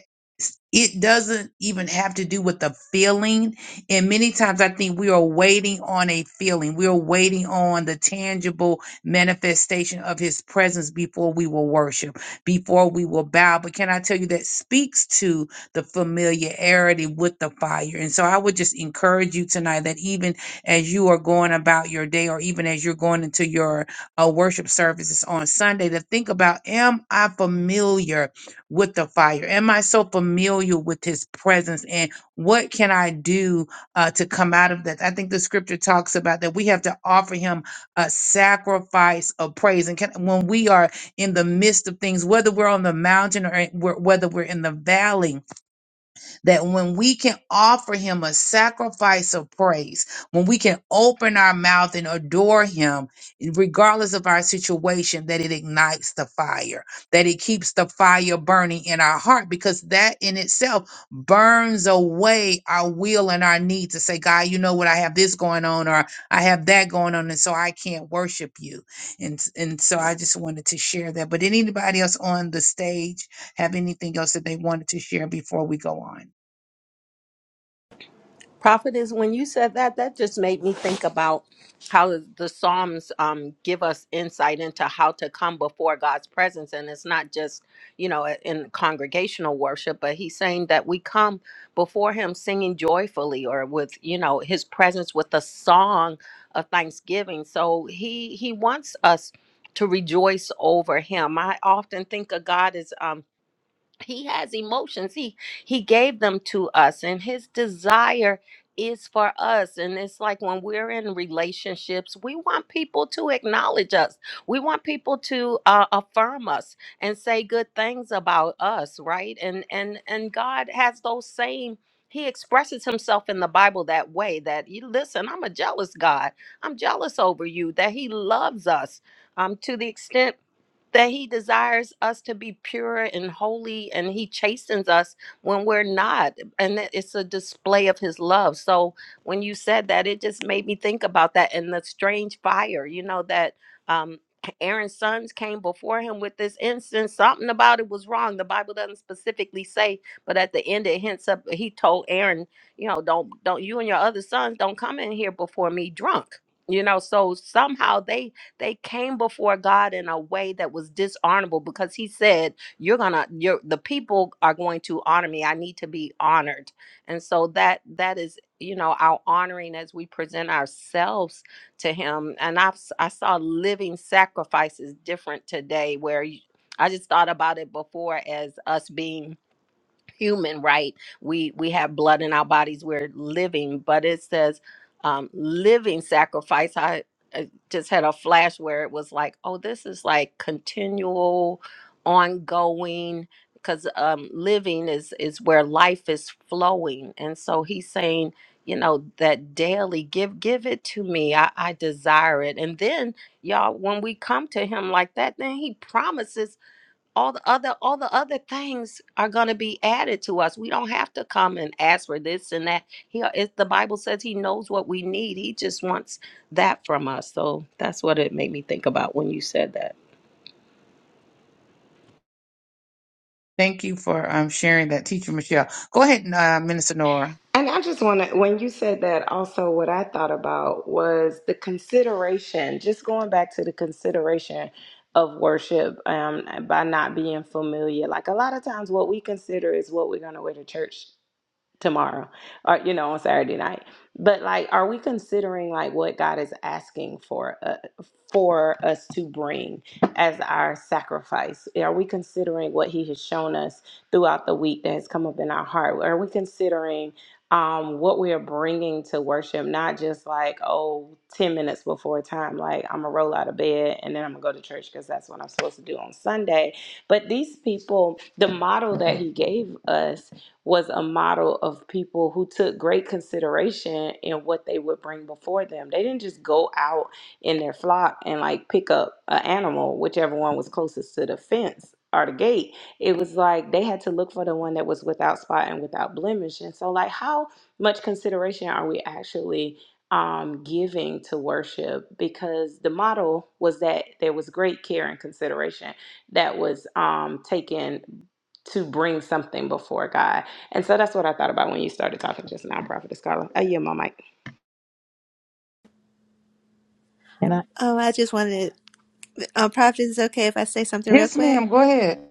it doesn't even have to do with the feeling and many times I think we are waiting on a feeling. We are waiting on the tangible manifestation of his presence before we will worship, before we will bow. But can I tell you that speaks to the familiarity with the fire? And so I would just encourage you tonight that even as you are going about your day or even as you're going into your uh, worship services on Sunday, to think about, am I familiar with the fire? Am I so familiar with his presence? And what can I do? uh, to come out of that. I think the scripture talks about that we have to offer him a sacrifice of praise. And can, when we are in the midst of things, whether we're on the mountain or in- whe- whether we're in the valley, that when we can offer him a sacrifice of praise, when we can open our mouth and adore him, regardless of our situation, that it ignites the fire, that it keeps the fire burning in our heart, because that in itself burns away our will and our need to say, God, you know what, I have this going on, or I have that going on, and so I can't worship you. And, and so I just wanted to share that. But anybody else on the stage have anything else that they wanted to share before we go on?
Prophet is when you said that, that just made me think about how the Psalms um, give us insight into how to come before God's presence. And it's not just, you know, in congregational worship, but he's saying that we come before him singing joyfully or with, you know, his presence with a song of thanksgiving. So he he wants us to rejoice over him. I often think of God as um he has emotions he he gave them to us and his desire is for us and it's like when we're in relationships we want people to acknowledge us we want people to uh, affirm us and say good things about us right and and and god has those same he expresses himself in the bible that way that you listen i'm a jealous god i'm jealous over you that he loves us um to the extent that he desires us to be pure and holy and he chastens us when we're not and that it's a display of his love so when you said that it just made me think about that and the strange fire you know that um Aaron's sons came before him with this incense. Something about it was wrong. The Bible doesn't specifically say, but at the end it hints up. He told Aaron, you know, don't don't you and your other sons don't come in here before me drunk. You know, so somehow they they came before God in a way that was dishonorable because he said, You're gonna you're the people are going to honor me. I need to be honored. And so that that is you know our honoring as we present ourselves to him and i i saw living sacrifices different today where you, i just thought about it before as us being human right we we have blood in our bodies we're living but it says um living sacrifice i, I just had a flash where it was like oh this is like continual ongoing because um living is is where life is flowing and so he's saying you know that daily give give it to me i i desire it and then y'all when we come to him like that then he promises all the other all the other things are going to be added to us we don't have to come and ask for this and that he it's the bible says he knows what we need he just wants that from us so that's what it made me think about when you said that
Thank you for um, sharing that, Teacher Michelle. Go ahead, uh, Minister Nora.
and i just want to when you said that also what i thought about was the consideration just going back to the consideration of worship um, by not being familiar like a lot of times what we consider is what we're going to wear to church tomorrow or you know on saturday night but like are we considering like what god is asking for uh, for us to bring as our sacrifice are we considering what he has shown us throughout the week that has come up in our heart are we considering um what we are bringing to worship not just like oh, 10 minutes before time like i'm gonna roll out of bed and then i'm gonna go to church because that's what i'm supposed to do on sunday but these people the model that he gave us was a model of people who took great consideration in what they would bring before them. They didn't just go out in their flock and like pick up an animal, whichever one was closest to the fence or the gate. It was like they had to look for the one that was without spot and without blemish. And so, like, how much consideration are we actually? um giving to worship because the model was that there was great care and consideration that was um taken to bring something before God. And so that's what I thought about when you started talking just now, nonprofit scholar. Oh yeah, my mic.
and I,
Oh, I just wanted to, uh, Prophet, is it okay if I say something real
Yes,
quick?
ma'am. Go ahead.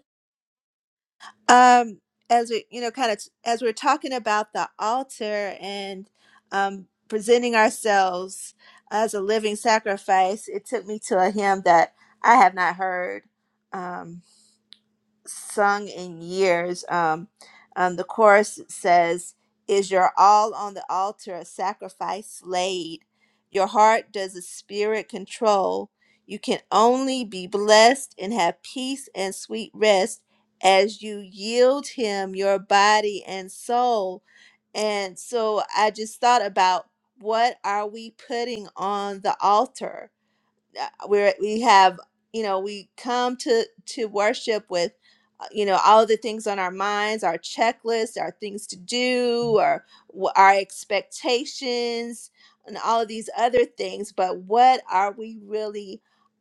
Um, as we, you know, kind of as we're talking about the altar and um, presenting ourselves as a living sacrifice, it took me to a hymn that I have not heard. Um, sung in years. Um, um, the chorus says, Is your all on the altar a sacrifice laid? Your heart does a spirit control. You can only be blessed and have peace and sweet rest as you yield Him your body and soul. And so I just thought about what are we putting on the altar? uh, we we have you know we come to to worship with uh, you know all the things on our minds our checklists our things to do or wh- our expectations and all of these other things but what are we really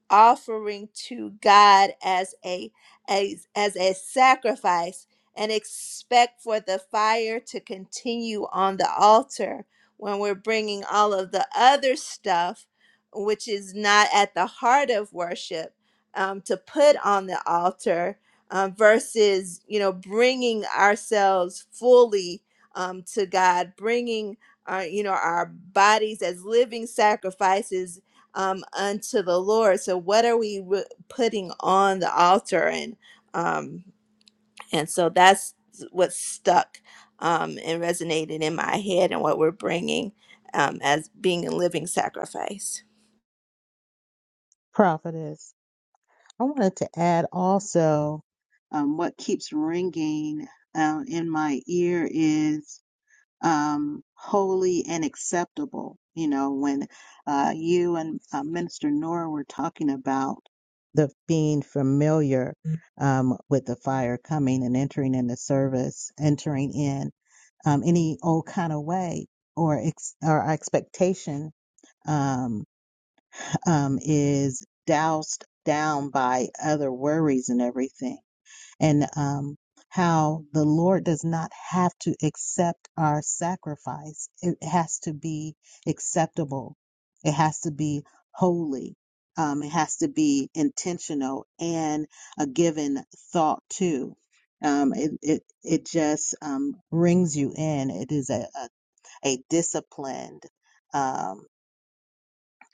offering to god as a as, as a sacrifice and expect for the fire to continue on the altar when we're bringing all of the other stuff which is not at the heart of worship um, to put on the altar um, versus you know bringing ourselves fully um, to god bringing our you know our bodies as living sacrifices um, unto the lord so what are we re- putting on the altar and um, and so that's what stuck um, and resonated in my head and what we're bringing um, as being a living sacrifice
prophetess. I wanted to add also um, what keeps ringing uh, in my ear is um, holy and acceptable. You know, when uh, you and uh, Minister Nora were talking about the being familiar um, with the fire coming and entering into service, entering in um, any old kind of way or ex- or expectation um, um, is doused down by other worries and everything and um, how the Lord does not have to accept our sacrifice. It has to be acceptable, it has to be holy, um, it has to be intentional and a given thought to. Um, it, it, it just um, rings you in. It is a, a, a disciplined. um,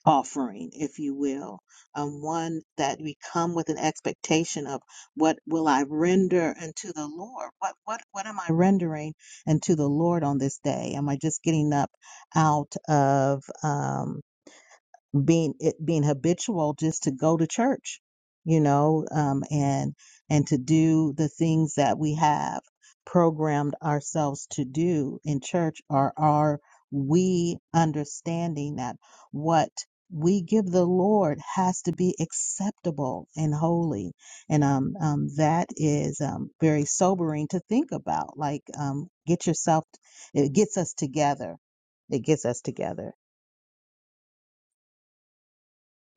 offering, if you will, um, one that we come with an expectation of what will I render unto the Lord? What what what am I rendering unto the Lord on this day? Am I just getting up out of? um? being it being habitual just to go to church you know um and and to do the things that we have programmed ourselves to do in church or are we understanding that what we give the lord has to be acceptable and holy and um, um that is um very sobering to think about like um get yourself it gets us together it gets us together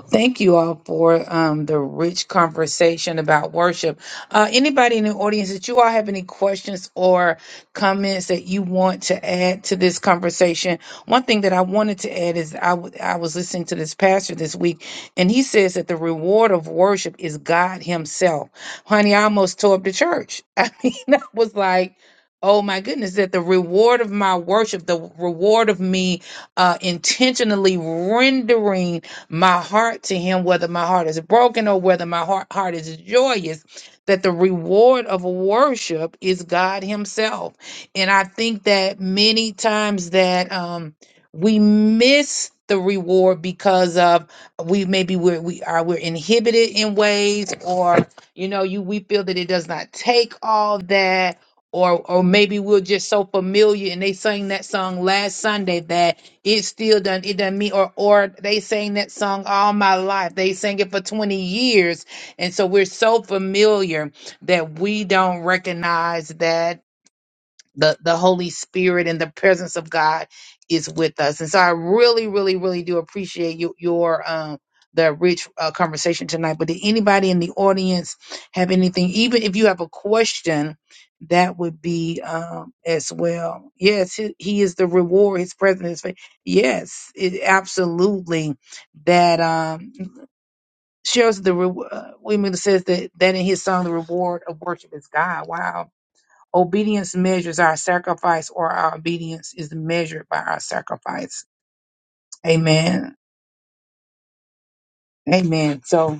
Thank you all for um, the rich conversation about worship. Uh, anybody in the audience that you all have any questions or comments that you want to add to this conversation? One thing that I wanted to add is I w- I was listening to this pastor this week, and he says that the reward of worship is God Himself. Honey, I almost tore up the church. I mean, I was like, Oh my goodness, that the reward of my worship, the reward of me uh, intentionally rendering my heart to him, whether my heart is broken or whether my heart, heart is joyous, that the reward of worship is God himself. And I think that many times that um, we miss the reward because of we maybe we're we are we're inhibited in ways or you know you we feel that it does not take all that or or maybe we're just so familiar and they sang that song last sunday that it still done it done me or or they sang that song all my life. They sang it for 20 years. And so we're so familiar that we don't recognize that the the holy spirit and the presence of god is with us and so i really really really do appreciate you, your um the rich uh, conversation tonight but did anybody in the audience have anything even if you have a question that would be um as well yes he, he is the reward his presence is fa- yes it absolutely that um shows the reward uh, we mean says that that in his song the reward of worship is god wow Obedience measures our sacrifice, or our obedience is measured by our sacrifice. Amen. Amen. So,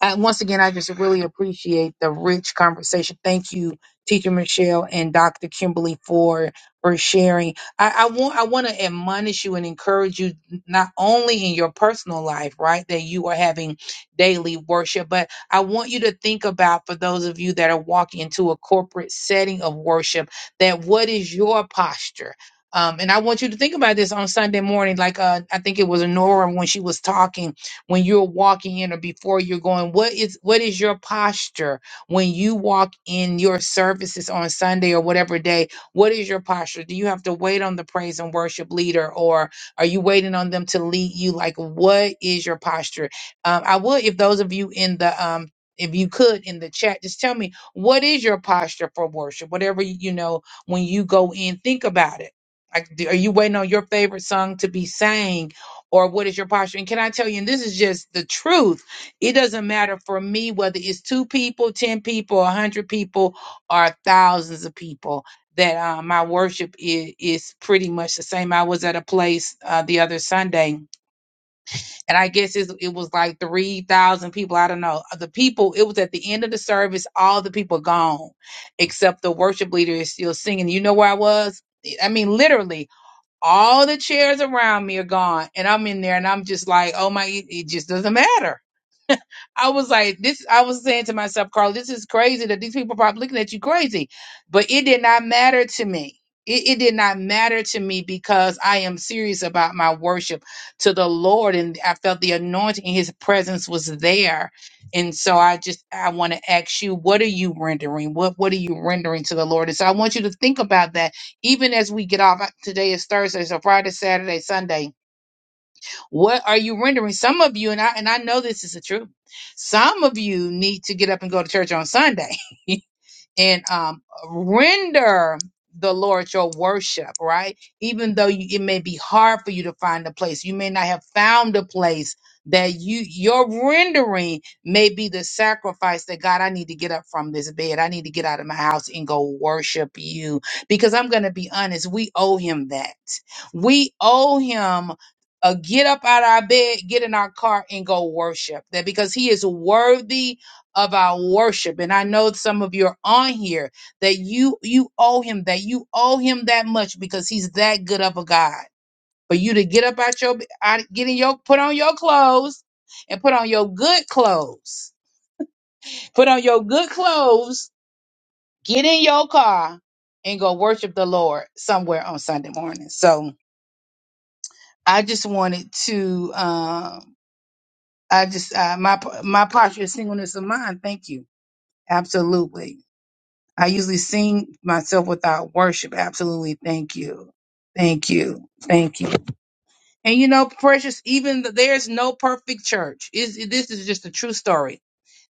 Uh, once again, I just really appreciate the rich conversation. Thank you, Teacher Michelle and Dr. Kimberly for for sharing. I, I want I want to admonish you and encourage you not only in your personal life, right, that you are having daily worship, but I want you to think about for those of you that are walking into a corporate setting of worship, that what is your posture. Um, and I want you to think about this on Sunday morning, like uh, I think it was Nora when she was talking when you're walking in or before you're going what is what is your posture when you walk in your services on sunday or whatever day what is your posture do you have to wait on the praise and worship leader or are you waiting on them to lead you like what is your posture um, i would if those of you in the um if you could in the chat just tell me what is your posture for worship whatever you you know when you go in think about it like, do- are you waiting on your favorite song to be sang or what is your posture? And can I tell you, and this is just the truth, it doesn't matter for me whether it's two people, 10 people, a 100 people, or thousands of people, that uh, my worship is, is pretty much the same. I was at a place uh, the other Sunday, and I guess it's, it was like 3,000 people. I don't know. The people, it was at the end of the service, all the people gone, except the worship leader is still singing. You know where I was? I mean, literally all the chairs around me are gone, and I'm in there, and I'm just like, oh my, it, it just doesn't matter. I was like, this, I was saying to myself, Carl, this is crazy that these people are probably looking at you crazy. But it did not matter to me. It, it did not matter to me because I am serious about my worship to the Lord. And I felt the anointing, his presence was there. And so I just, I want to ask you, what are you rendering? What, what are you rendering to the Lord? And so I want you to think about that even as we get off. Today is Thursday, so Friday, Saturday, Sunday what are you rendering? Some of you, and I and I know this is the truth. Some of you need to get up and go to church on Sunday and um, render the Lord your worship, right? Even though you, it may be hard for you to find a place, you may not have found a place that you your rendering may be the sacrifice that God, I need to get up from this bed. I need to get out of my house and go worship you because I'm going to be honest, we owe him that. We owe him a get up out of our bed, get in our car and go worship that because he is worthy of our worship and i know some of you are on here that you you owe him that you owe him that much because he's that good of a god for you to get up out your out, get in your put on your clothes and put on your good clothes put on your good clothes get in your car and go worship the lord somewhere on sunday morning so i just wanted to um i just uh, my my posture of singleness of mind thank you absolutely I usually sing myself without worship. Absolutely. Thank you. Thank you. Thank you. And you know, precious, even th- there's no perfect church. Is this is just a true story.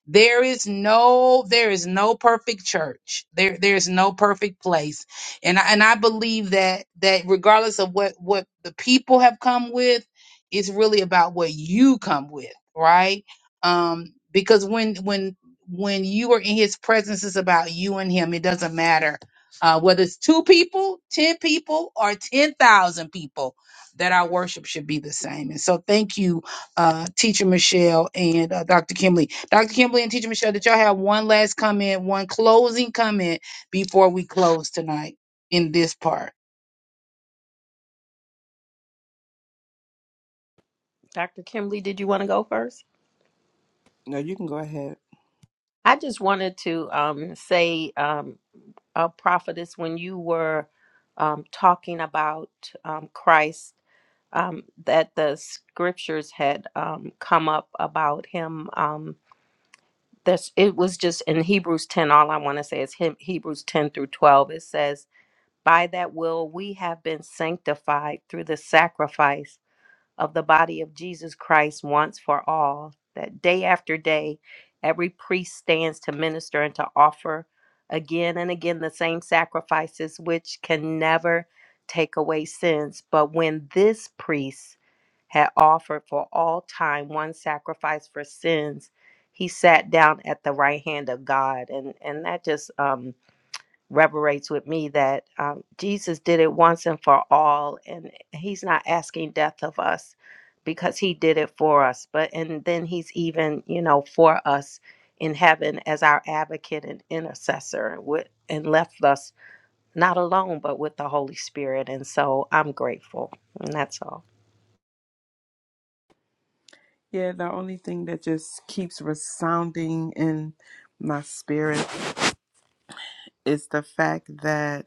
There is no there is no perfect church. There there is no perfect place. And I, and I believe that that regardless of what what the people have come with, it's really about what you come with, right? Um because when when when you are in his presence it's about you and him. It doesn't matter uh whether it's two people, 10 people or 10,000 people that our worship should be the same. And so thank you uh, Teacher Michelle and uh, Dr. Kimley. Dr. Kimley and Teacher Michelle, did y'all have one last comment, one closing comment before we close tonight in this part?
dr kimberly did you want to go first
No, you can go ahead.
i just wanted to um, say um, uh, prophetess when you were um, talking about um, christ um, that the scriptures had um, come up about him. Um, that's it was just in Hebrews 10 all I want to say is him, Hebrews 10 through 12 it says by that will we have been sanctified through the sacrifice of the body of Jesus Christ once for all, that day after day, every priest stands to minister and to offer again and again the same sacrifices which can never take away sins. But when this priest had offered for all time one sacrifice for sins, he sat down at the right hand of God. And and that just um reverberates with me that um, Jesus did it once and for all, and He's not asking death of us because He did it for us. But and then He's even, you know, for us in heaven as our advocate and intercessor, and with and left us not alone, but with the Holy Spirit. And so I'm grateful, and that's all.
yeah the only thing that just keeps resounding in my spirit is the fact that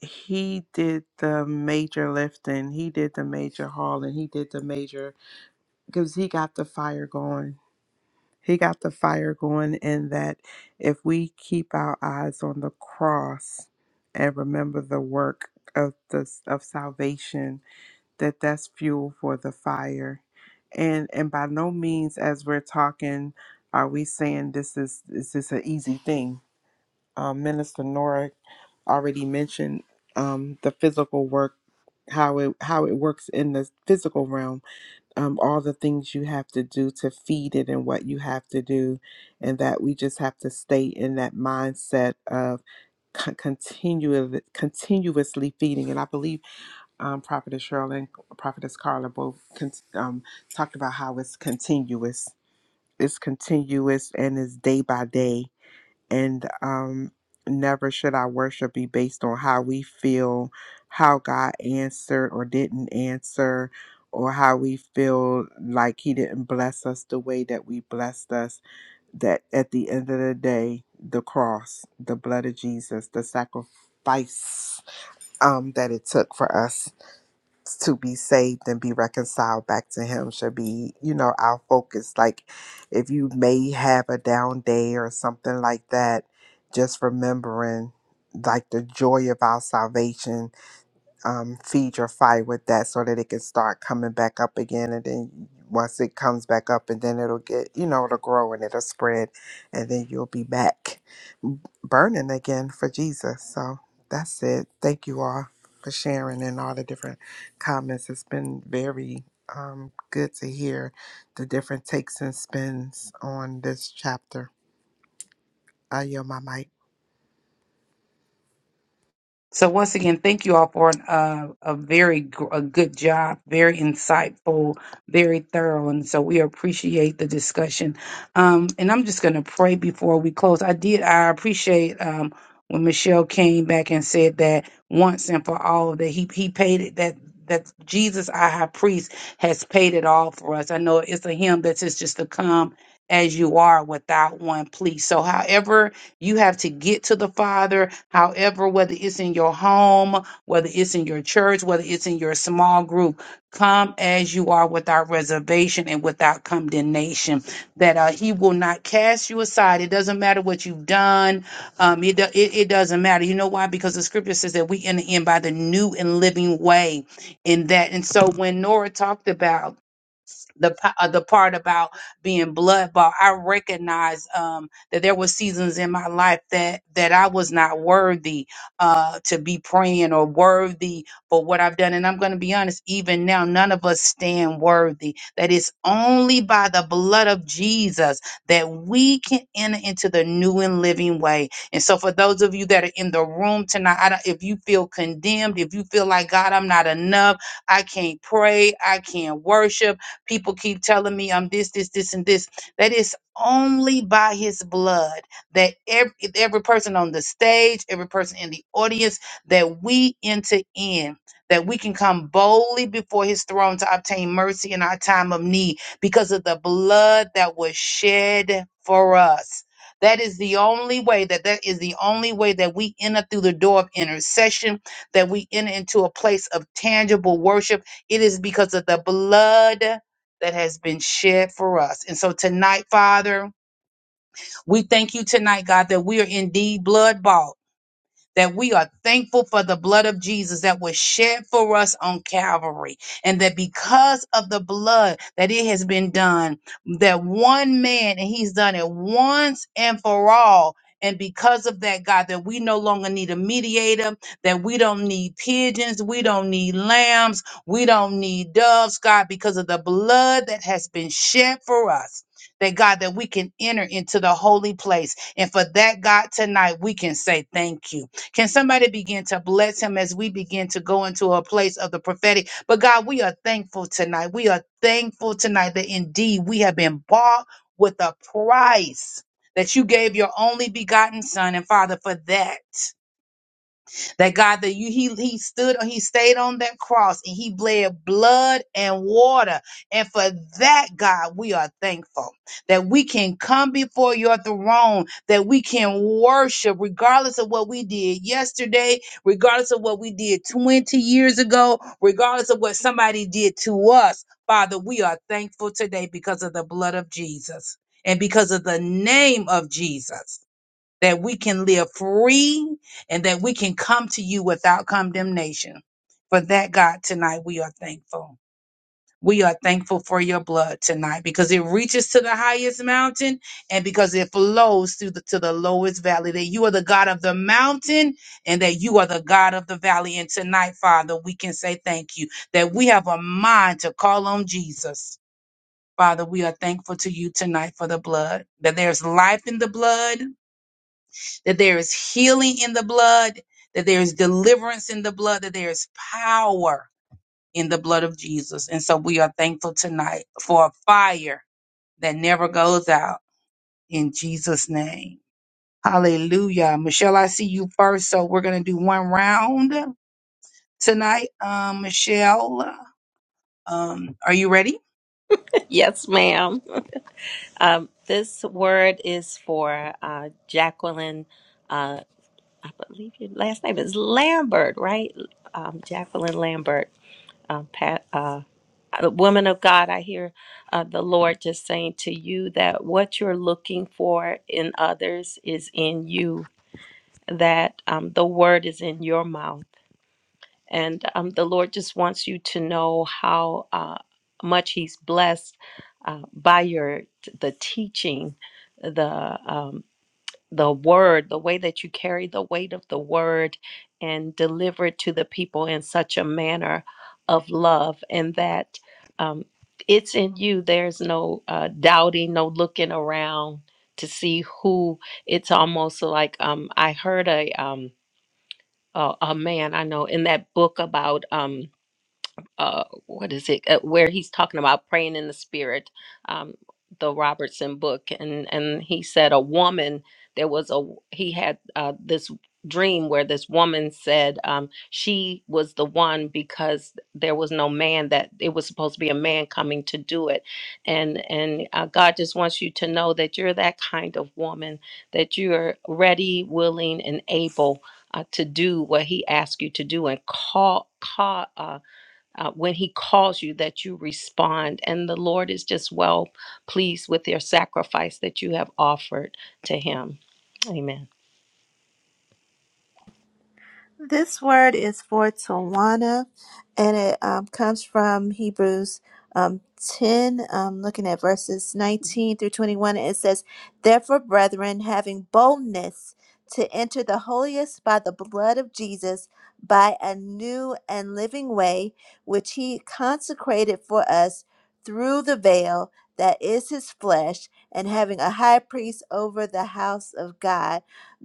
he did the major lifting, he did the major hauling, he did the major because he got the fire going. He got the fire going in that if we keep our eyes on the cross and remember the work of the of salvation, that that's fuel for the fire. And and by no means as we're talking are we saying this is is this an easy thing. Um, Minister Nora already mentioned um, the physical work how it how it works in the physical realm um all the things you have to do to feed it and what you have to do and that we just have to stay in that mindset of con- continually continuously feeding and i believe um prophetess cheryl and prophetess carla both con- um talked about how it's continuous it's continuous and it's day by day and um never should our worship be based on how we feel how god answered or didn't answer or how we feel like he didn't bless us the way that we blessed us that at the end of the day the cross the blood of jesus the sacrifice um that it took for us to be saved and be reconciled back to him should be you know our focus like if you may have a down day or something like that just remembering like the joy of our salvation um feed your fire with that so that it can start coming back up again and then once it comes back up and then it'll get you know it'll grow and it'll spread and then you'll be back burning again for Jesus. So that's it. Thank you all for sharing and all the different comments. It's been very um, good to hear the different takes and spins on this chapter. I yield my mic.
So once again, thank you all for an, uh, a very gr- a good job, very insightful, very thorough, and so we appreciate the discussion. Um, and I'm just going to pray before we close. I did. I appreciate um, when Michelle came back and said that once and for all that he he paid it that. That Jesus, our high priest, has paid it all for us. I know it's a hymn that says just to come as you are without one plea. So, however, you have to get to the Father, however, whether it's in your home, whether it's in your church, whether it's in your small group. Come as you are without reservation and without condemnation, that uh, He will not cast you aside. It doesn't matter what you've done, um, it, do- it, it doesn't matter. You know why? Because the scripture says that we enter in by the new and living way in that. And so when Nora talked about the p- uh, the part about being blood bought, I recognize um, that there were seasons in my life that that I was not worthy uh, to be praying or worthy for what I've done. And I'm going to be honest, even now, none of us stand worthy. That it's only by the blood of Jesus that we can enter into the new and living way. And so, for those of you that are in the room tonight, I don't, if you feel condemned, if you feel like God, I'm not enough, I can't pray, I can't worship. People keep telling me I'm this, this, this, and this. That is only by his blood that every, every person on the stage, every person in the audience, that we enter in, that we can come boldly before his throne to obtain mercy in our time of need because of the blood that was shed for us. That is the only way that that is the only way that we enter through the door of intercession, that we enter into a place of tangible worship. It is because of the blood that has been shed for us. And so tonight, Father, we thank you tonight, God, that we are indeed blood bought that we are thankful for the blood of Jesus that was shed for us on Calvary. And that because of the blood that it has been done, that one man, and he's done it once and for all. And because of that, God, that we no longer need a mediator, that we don't need pigeons, we don't need lambs, we don't need doves, God, because of the blood that has been shed for us. That God, that we can enter into the holy place. And for that, God, tonight we can say thank you. Can somebody begin to bless him as we begin to go into a place of the prophetic? But God, we are thankful tonight. We are thankful tonight that indeed we have been bought with a price that you gave your only begotten son. And Father, for that. That God that you he he stood he stayed on that cross and he bled blood and water. And for that, God, we are thankful that we can come before your throne, that we can worship regardless of what we did yesterday, regardless of what we did 20 years ago, regardless of what somebody did to us. Father, we are thankful today because of the blood of Jesus and because of the name of Jesus that we can live free and that we can come to you without condemnation. For that, God, tonight we are thankful. We are thankful for your blood tonight because it reaches to the highest mountain and because it flows through the, to the lowest valley. That you are the God of the mountain and that you are the God of the valley. And tonight, Father, we can say thank you that we have a mind to call on Jesus. Father, we are thankful to you tonight for the blood, that there's life in the blood that there is healing in the blood, that there is deliverance in the blood, that there is power in the blood of Jesus. And so we are thankful tonight for a fire that never goes out in Jesus' name. Hallelujah. Michelle, I see you first. So we're going to do one round tonight. Um, Michelle, um, are you ready?
Yes, ma'am. Um, this word is for uh, Jacqueline. uh, I believe your last name is Lambert, right? Um, Jacqueline Lambert, um, Pat, uh, uh, woman of God. I hear uh, the Lord just saying to you that what you're looking for in others is in you. That um, the word is in your mouth, and um, the Lord just wants you to know how uh, much He's blessed uh, by your the teaching, the um, the word, the way that you carry the weight of the word and deliver it to the people in such a manner of love, and that um, it's in you. There's no uh, doubting, no looking around to see who. It's almost like um, I heard a, um, a a man I know in that book about. Um, uh what is it uh, where he's talking about praying in the spirit um the robertson book and and he said a woman there was a he had uh this dream where this woman said um she was the one because there was no man that it was supposed to be a man coming to do it and and uh, god just wants you to know that you're that kind of woman that you're ready willing and able uh, to do what he asks you to do and call call uh, when he calls you that you respond and the lord is just well pleased with your sacrifice that you have offered to him amen
This word is for Tawana, and it um, comes from Hebrews um, 10, um, looking at verses 19 through 21. It says, Therefore, brethren, having boldness to enter the holiest by the blood of Jesus, by a new and living way, which he consecrated for us through the veil that is his flesh, and having a high priest over the house of God.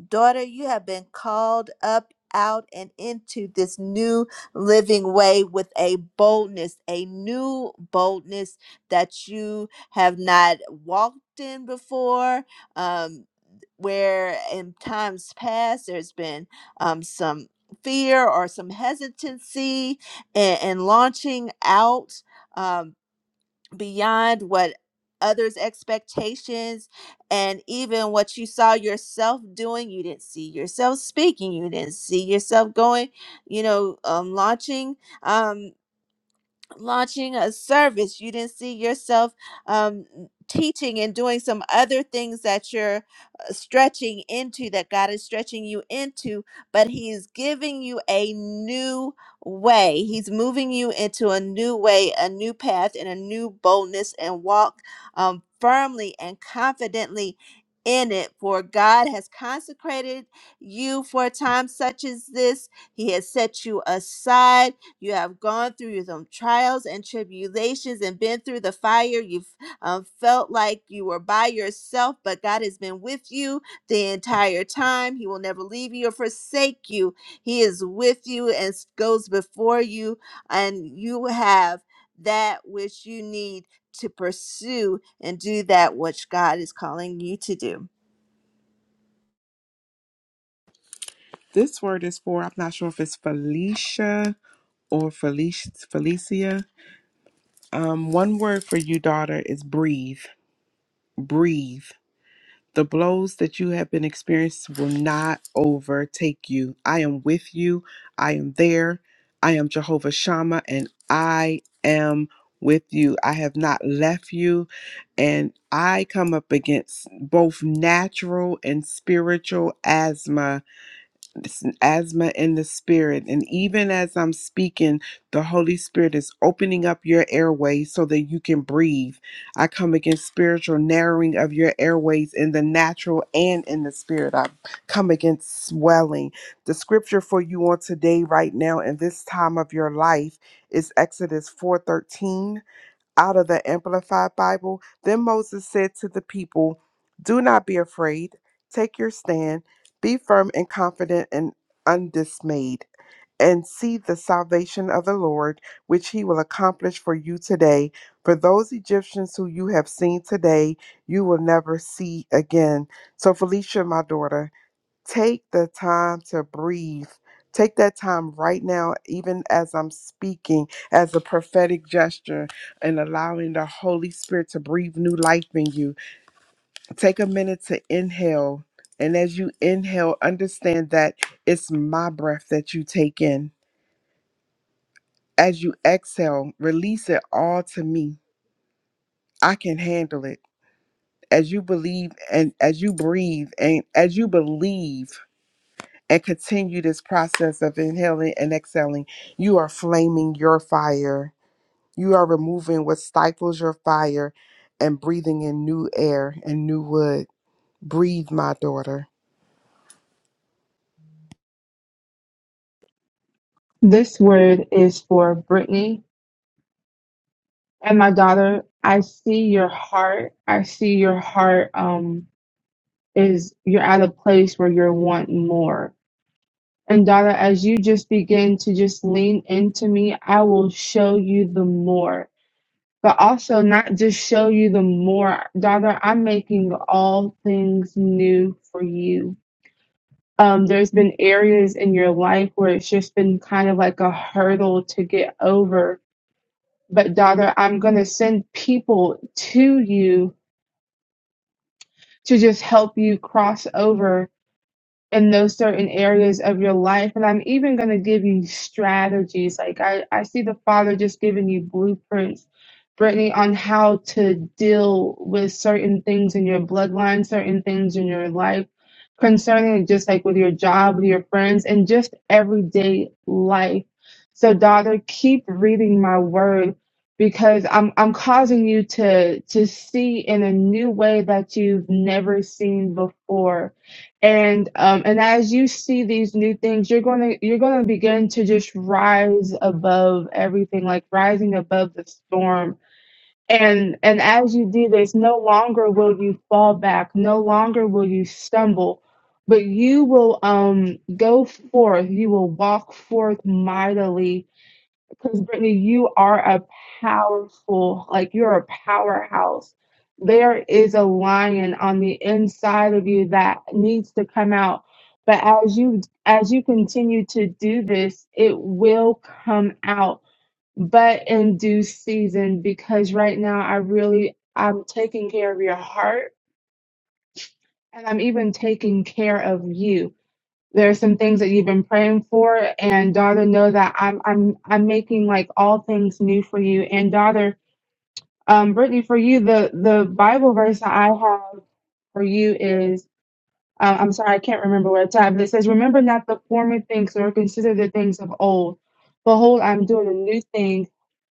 Daughter, you have been called up out and into this new living way with a boldness, a new boldness that you have not walked in before. Um, where in times past there's been um, some fear or some hesitancy in in launching out. Um, beyond what others' expectations and even what you saw yourself doing. You didn't see yourself speaking. You didn't see yourself going, you know, um, launching. Um, launching a service you didn't see yourself um, teaching and doing some other things that you're uh, stretching into that god is stretching you into but he is giving you a new way he's moving you into a new way a new path and a new boldness and walk um, firmly and confidently in it for god has consecrated you for a time such as this he has set you aside you have gone through some trials and tribulations and been through the fire. You've um, felt like you were by yourself, but God has been with you the entire time. He will never leave you or forsake you. He is with you and goes before you, and you have that which you need to pursue and do that which God is calling you to do.
This word is for, I'm not sure if it's Felicia or Felicia. Felicia. Um, one word for you, daughter, is breathe. Breathe. The blows that you have been experiencing will not overtake you. I am with you. I am there. I am Jehovah Shammah, and I am with you. I have not left you. And I come up against both natural and spiritual asthma it's an asthma in the spirit. And even as I'm speaking, the Holy Spirit is opening up your airways so that you can breathe. I come against spiritual narrowing of your airways in the natural and in the spirit. I come against swelling. The scripture for you on today, right now, in this time of your life, is Exodus 4:13 out of the Amplified Bible. Then Moses said to the people, Do not be afraid. Take your stand. Be firm and confident and undismayed. And see the salvation of the Lord, which he will accomplish for you today. For those Egyptians who you have seen today, you will never see again. So, Felicia, my daughter, take the time to breathe. Take that time right now, even as I'm speaking, as a prophetic gesture and allowing the Holy Spirit to breathe new life in you. Take a minute to inhale. And as you inhale, understand that it's my breath that you take in. As you exhale, release it all to me. I can handle it. As you believe and as you breathe and as you believe and continue this process of inhaling and exhaling. You are flaming your fire. You are removing what stifles your fire and breathing in new air and new wood. Breathe, my daughter.
This word is for Brittany and my daughter. I see your heart. I see your heart um, is you're at a place where you're wanting more. And daughter, as you just begin to just lean into me, I will show you the more. But also not just show you the more, daughter. I'm making all things new for you. Um, there's been areas in your life where it's just been kind of like a hurdle to get over But, daughter, I'm going to send people to you to just help you cross over in those certain areas of your life. And I'm even going to give you strategies. Like I, I see the Father just giving you blueprints, Brittany, on how to deal with certain things in your bloodline, certain things in your life concerning just like with your job, with your friends, and just everyday life. So daughter, keep reading my word because I'm I'm causing you to to see in a new way that you've never seen before and um and as you see these new things you're going to you're going to begin to just rise above everything like rising above the storm and and as you do this no longer will you fall back no longer will you stumble but you will um go forth you will walk forth mightily because Brittany, you are a powerful, like you're a powerhouse. There is a lion on the inside of you that needs to come out. But as you as you continue to do this, it will come out, but in due season, because right now I really I'm taking care of your heart and I'm even taking care of you. There are some things that you've been praying for, and daughter, know that I'm I'm I'm making like all things new for you. And daughter, um, Brittany, for you, the the Bible verse that I have for you is uh, I'm sorry, I can't remember where it's at, but it says, Remember not the former things or consider the things of old. Behold, I'm doing a new thing.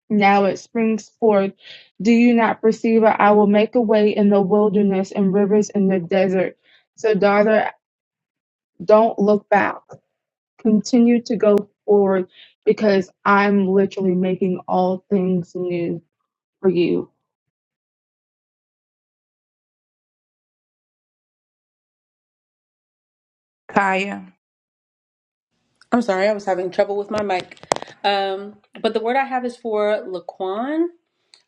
Now it springs forth. Do you not perceive it? I will make a way in the wilderness and rivers in the desert. So, daughter, don't look back continue to go forward because I'm literally making all things new for you.
Kaya.
I'm sorry, I was having trouble with my mic. Um, but the word I have is for Laquan.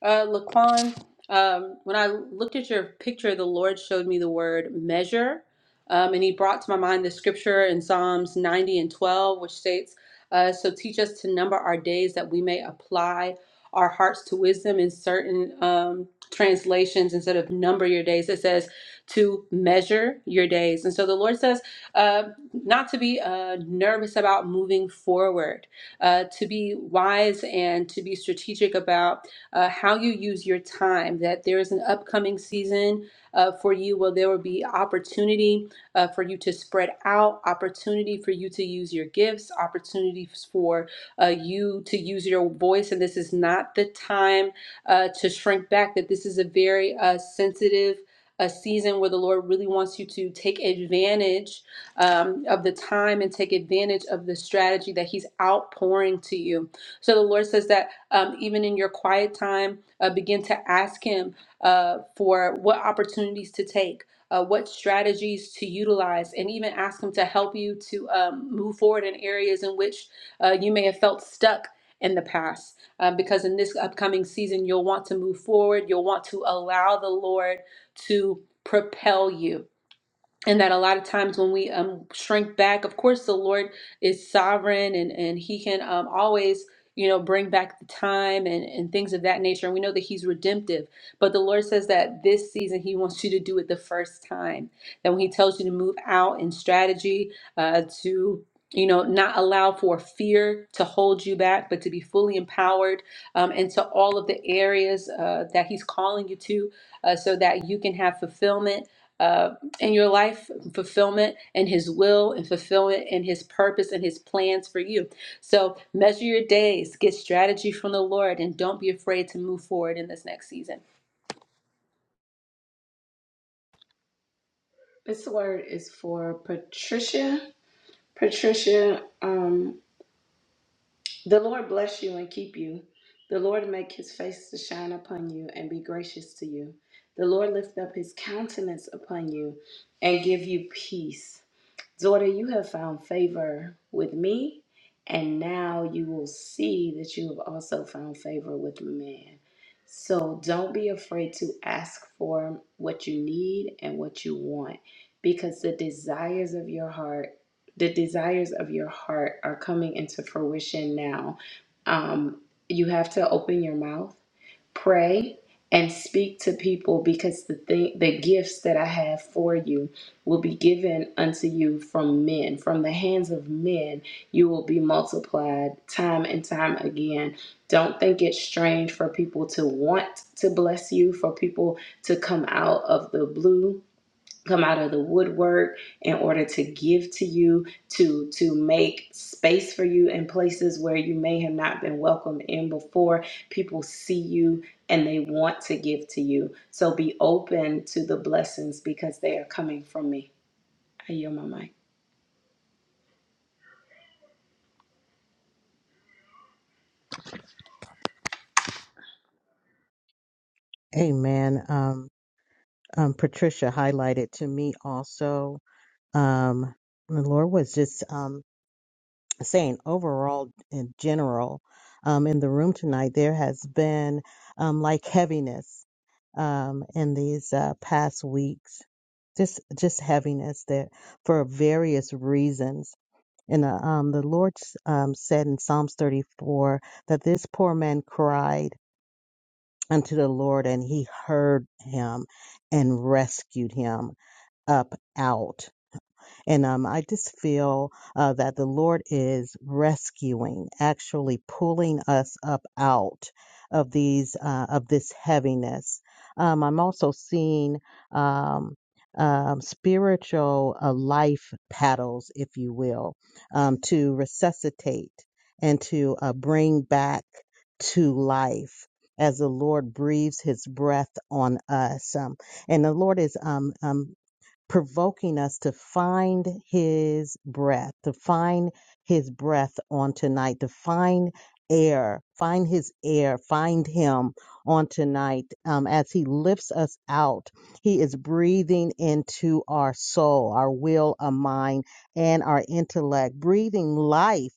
Uh, Laquan, um, when I looked at your picture, the Lord showed me the word measure, um, and He brought to my mind the scripture in Psalms 90 and 12, which states, uh, So teach us to number our days that we may apply our hearts to wisdom in certain um, translations instead of number your days. It says to measure your days. And so the Lord says uh, not to be uh, nervous about moving forward, uh, to be wise and to be strategic about uh, how you use your time, that there is an upcoming season uh, for you where there will be opportunity uh, for you to spread out, opportunity for you to use your gifts, opportunities for uh, you to use your voice. And this is not the time uh, to shrink back, that this is a very uh, sensitive a season where the Lord really wants you to take advantage um, of the time and take advantage of the strategy that He's outpouring to you. So the Lord says that um, even in your quiet time, uh, begin to ask Him uh, for what opportunities to take, uh, what strategies to utilize, and even ask Him to help you to um, move forward in areas in which uh, you may have felt stuck in the past. Um, because in this upcoming season, you'll want to move forward, you'll want to allow the Lord to propel you and that a lot of times when we um, shrink back of course the lord is sovereign and and he can um, always you know bring back the time and and things of that nature and we know that he's redemptive but the lord says that this season he wants you to do it the first time that when he tells you to move out in strategy uh, to you know not allow for fear to hold you back but to be fully empowered um, into all of the areas uh, that he's calling you to uh, so that you can have fulfillment uh, in your life, fulfillment and His will, and fulfillment and His purpose and His plans for you. So measure your days, get strategy from the Lord, and don't be afraid to move forward in this next season.
This word is for Patricia. Patricia, um, the Lord bless you and keep you. The Lord make his face to shine upon you and be gracious to you. The Lord lift up his countenance upon you and give you peace. Daughter, you have found favor with me, and now you will see that you have also found favor with man. So don't be afraid to ask for what you need and what you want, because the desires of your heart, the desires of your heart are coming into fruition now. Um, you have to open your mouth pray and speak to people because the thing, the gifts that I have for you will be given unto you from men from the hands of men you will be multiplied time and time again don't think it's strange for people to want to bless you for people to come out of the blue come out of the woodwork in order to give to you to to make space for you in places where you may have not been welcomed in before people see you and they want to give to you so be open to the blessings because they are coming from me i yield my mic
amen um um, Patricia highlighted to me also. Um, the Lord was just um, saying, overall, in general, um, in the room tonight, there has been um, like heaviness um, in these uh, past weeks, just just heaviness that for various reasons. And uh, um, the Lord um, said in Psalms 34 that this poor man cried unto the Lord, and He heard him and rescued him up out. And um, I just feel uh, that the Lord is rescuing, actually pulling us up out of these uh, of this heaviness. Um, I'm also seeing um, um, spiritual uh, life paddles, if you will, um, to resuscitate and to uh, bring back to life. As the Lord breathes His breath on us, um, and the Lord is um, um, provoking us to find his breath, to find his breath on tonight, to find air, find his air, find him on tonight. Um, as he lifts us out, he is breathing into our soul, our will, our mind, and our intellect, breathing life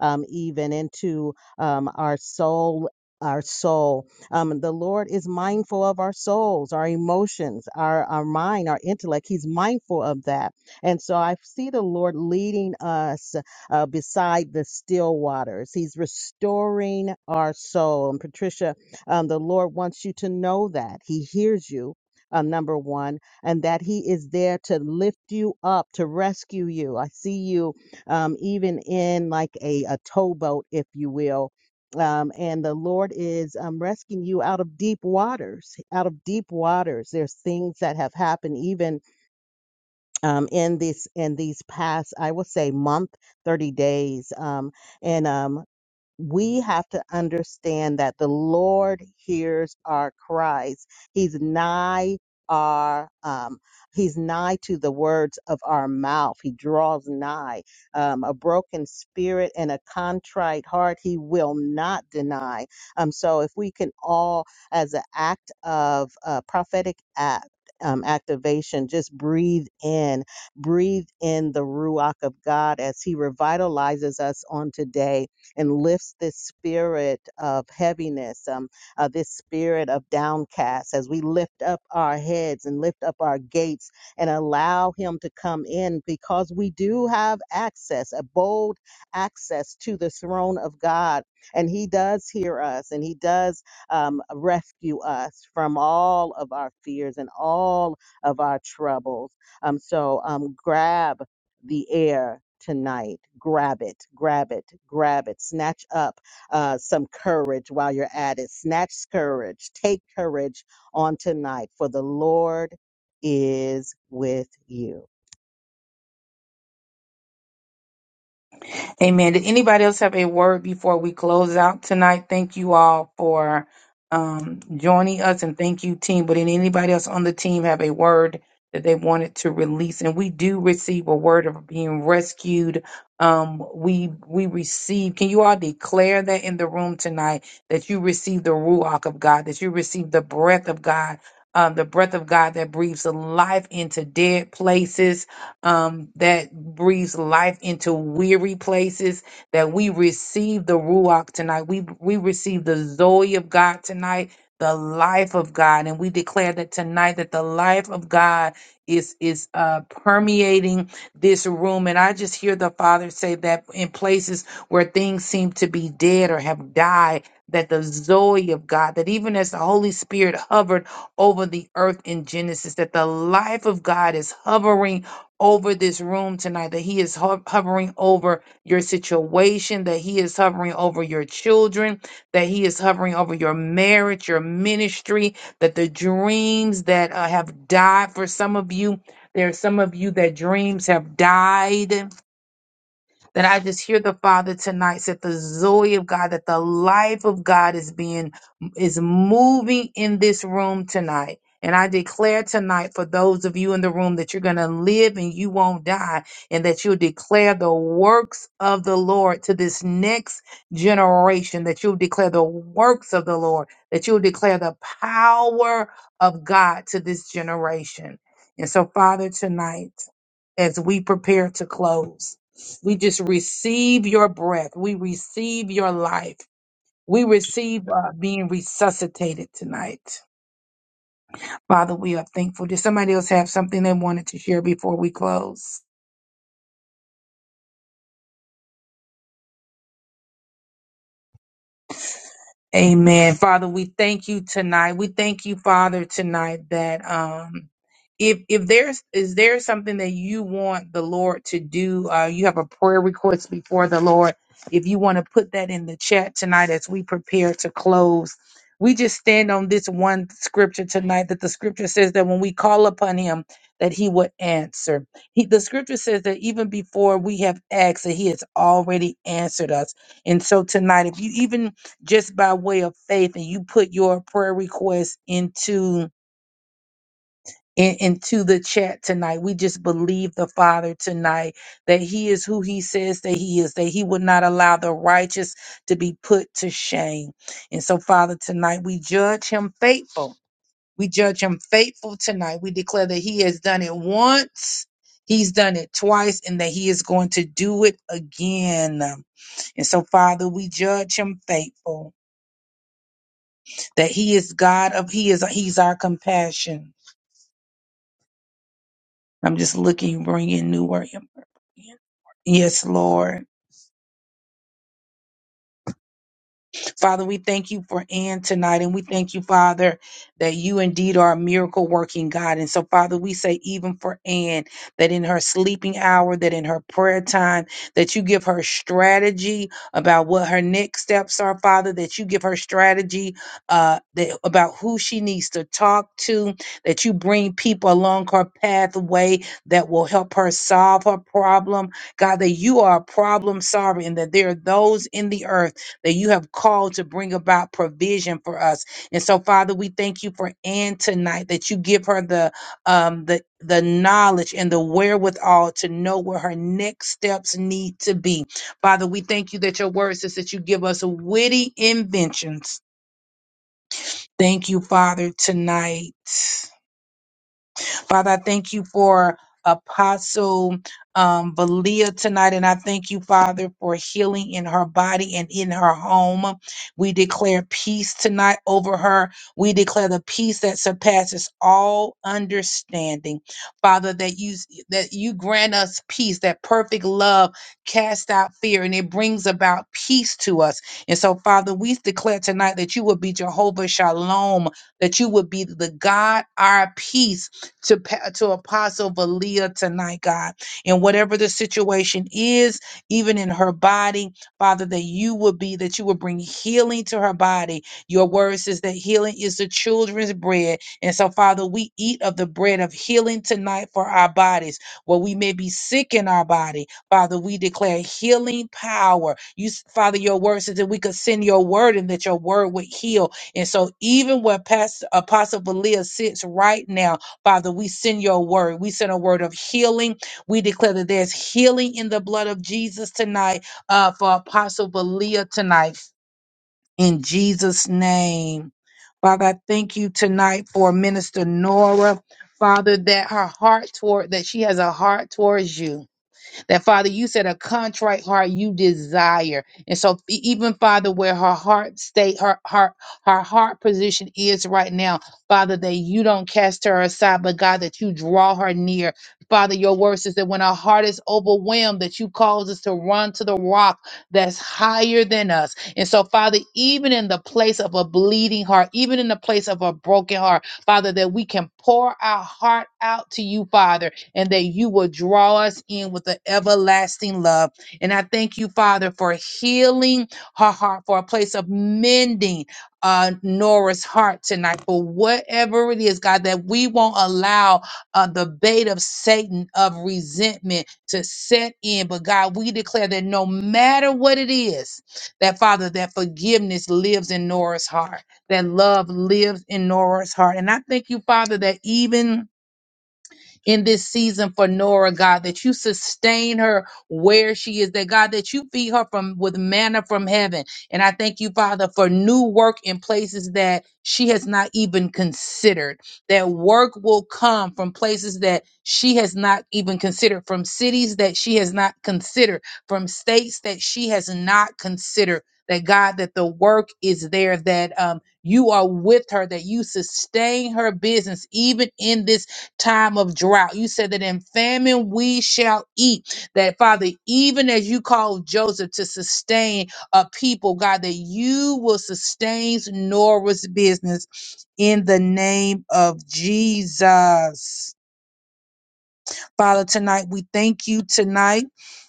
um, even into um, our soul, our soul. Um, the Lord is mindful of our souls, our emotions, our, our mind, our intellect. He's mindful of that. And so I see the Lord leading us uh, beside the still waters. He's restoring our soul. And Patricia, um, the Lord wants you to know that He hears you. Uh, number one, and that he is there to lift you up, to rescue you. I see you um, even in like a, a towboat, if you will, um, and the Lord is um, rescuing you out of deep waters. Out of deep waters, there's things that have happened even um, in this in these past, I will say, month, thirty days, um, and um, we have to understand that the Lord hears our cries. He's nigh our um he's nigh to the words of our mouth he draws nigh um a broken spirit and a contrite heart he will not deny um so if we can all as an act of uh, prophetic act um, activation just breathe in breathe in the ruach of god as he revitalizes us on today and lifts this spirit of heaviness, um, uh, this spirit of downcast as we lift up our heads and lift up our gates and allow Him to come in because we do have access, a bold access to the throne of God. And He does hear us and He does um, rescue us from all of our fears and all of our troubles. Um, so um, grab the air tonight. Grab it, grab it, grab it. Snatch up uh, some courage while you're at it. Snatch courage. Take courage on tonight, for the Lord is with you.
Amen. Did anybody else have a word before we close out tonight? Thank you all for um, joining us and thank you, team. But did anybody else on the team have a word that they wanted to release? And we do receive a word of being rescued. Um, we we receive. Can you all declare that in the room tonight that you receive the ruach of God, that you receive the breath of God, um, the breath of God that breathes life into dead places um, that breathes life into weary places, that we receive the Ruach tonight. We, we receive the Zoe of God tonight, the life of God. And we declare that tonight that the life of God is, is uh, permeating this room. And I just hear the Father say that in places where things seem to be dead or have died, that the Zoe of God, that even as the Holy Spirit hovered over the earth in Genesis, that the life of God is hovering over this room tonight, that He is ho- hovering over your situation, that He is hovering over your children, that He is hovering over your marriage, your ministry, that the dreams that uh, have died for some of you, there are some of you that dreams have died that I just hear the Father tonight said the Zoe of God, that the life of God is being is moving in this room tonight. And I declare tonight for those of you in the room that you're going to live and you won't die, and that you'll declare the works of the Lord to this next generation, that you'll declare the works of the Lord, that you'll declare the power of God to this generation. And so, Father, tonight as we prepare to close. We just receive your breath. We receive your life. We receive uh, being resuscitated tonight. Father, we are thankful. Did somebody else have something they wanted to share before we close? Amen. Father, we thank you tonight. We thank you, Father, tonight that um if if there's is there something that you want the Lord to do, uh you have a prayer request before the Lord. If you want to put that in the chat tonight as we prepare to close, we just stand on this one scripture tonight that the scripture says that when we call upon him that he would answer. He, the scripture says that even before we have asked that he has already answered us. And so tonight, if you even just by way of faith and you put your prayer request into in, into the chat tonight we just believe the father tonight that he is who he says that he is that he would not allow the righteous to be put to shame and so father tonight we judge him faithful we judge him faithful tonight we declare that he has done it once he's done it twice and that he is going to do it again and so father we judge him faithful that He is God of He is He's our compassion. I'm just looking, bringing new word. Yes, Lord. Father, we thank you for Ann tonight, and we thank you, Father, that you indeed are a miracle working God. And so, Father, we say, even for Ann, that in her sleeping hour, that in her prayer time, that you give her strategy about what her next steps are, Father, that you give her strategy uh, that, about who she needs to talk to, that you bring people along her pathway that will help her solve her problem. God, that you are a problem solver and that there are those in the earth that you have called to bring about provision for us. And so, Father, we thank you for Ann tonight that you give her the um the the knowledge and the wherewithal to know where her next steps need to be. Father, we thank you that your word says that you give us witty inventions. Thank you, Father, tonight. Father, I thank you for Apostle um, Valia tonight, and I thank you, Father, for healing in her body and in her home. We declare peace tonight over her. We declare the peace that surpasses all understanding, Father. That you that you grant us peace. That perfect love casts out fear, and it brings about peace to us. And so, Father, we declare tonight that you will be Jehovah Shalom. That you would be the God our peace to, pa- to Apostle Valia tonight, God. And whatever the situation is, even in her body, Father, that you would be, that you would bring healing to her body. Your word says that healing is the children's bread. And so, Father, we eat of the bread of healing tonight for our bodies, where we may be sick in our body. Father, we declare healing power. You, s- Father, your word says that we could send your word and that your word would heal. And so, even where Pastor Apostle Valia sits right now, Father, we send your word. We send a word of healing. We declare that there's healing in the blood of Jesus tonight uh, for Apostle Valia tonight. In Jesus' name. Father, I thank you tonight for Minister Nora. Father, that her heart toward that she has a heart towards you. That Father, you said a contrite heart you desire. And so e- even Father, where her heart state, her heart, her heart position is right now, Father, that you don't cast her aside, but God, that you draw her near. Father, your word says that when our heart is overwhelmed, that you cause us to run to the rock that's higher than us. And so, Father, even in the place of a bleeding heart, even in the place of a broken heart, Father, that we can pour our heart out to you, Father and that you will draw us in with an everlasting love. And I thank you, Father, for healing her heart, for a place of mending uh, Nora's heart tonight, for whatever it is, God, that we won't allow uh, the bait of Satan of resentment to set in. But God, we declare that no matter what it is, that Father, that forgiveness lives in Nora's heart, that love lives in Nora's heart. And I thank you, Father, that even in this season for Nora, God, that you sustain her where she is, that God, that you feed her from with manna from heaven. And I thank you, Father, for new work in places that she has not even considered. That work will come from places that she has not even considered, from cities that she has not considered, from states that she has not considered. That God, that the work is there, that um, you are with her, that you sustain her business, even in this time of drought. You said that in famine we shall eat. That, Father, even as you called Joseph to sustain a people, God, that you will sustain Nora's business in the name of Jesus. Father, tonight we thank you tonight.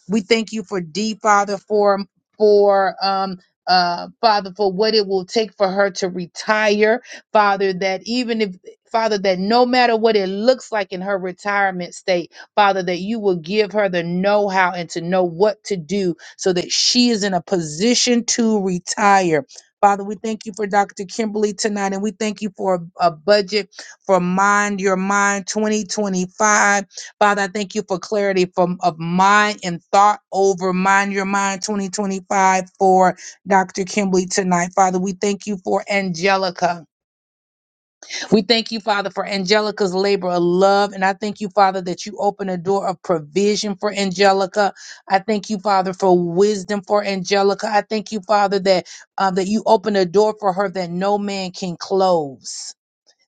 We thank you for D, Father, for for um uh Father, for what it will take for her to retire, Father, that even if Father, that no matter what it looks like in her retirement state, Father, that you will give her the know how and to know what to do so that she is in a position to retire. Father, we thank you for Dr. Kimberly tonight, and we thank you for a, a budget for Mind Your Mind 2025. Father, I thank you for clarity from of mind and thought over Mind Your Mind 2025 for Dr. Kimberly tonight. Father, we thank you for Angelica. We thank you, Father, for Angelica's labor of love. And I thank you, Father, that you open a door of provision for Angelica. I thank you, Father, for wisdom for Angelica. I thank you, Father, that uh, that you open a door for her that no man can close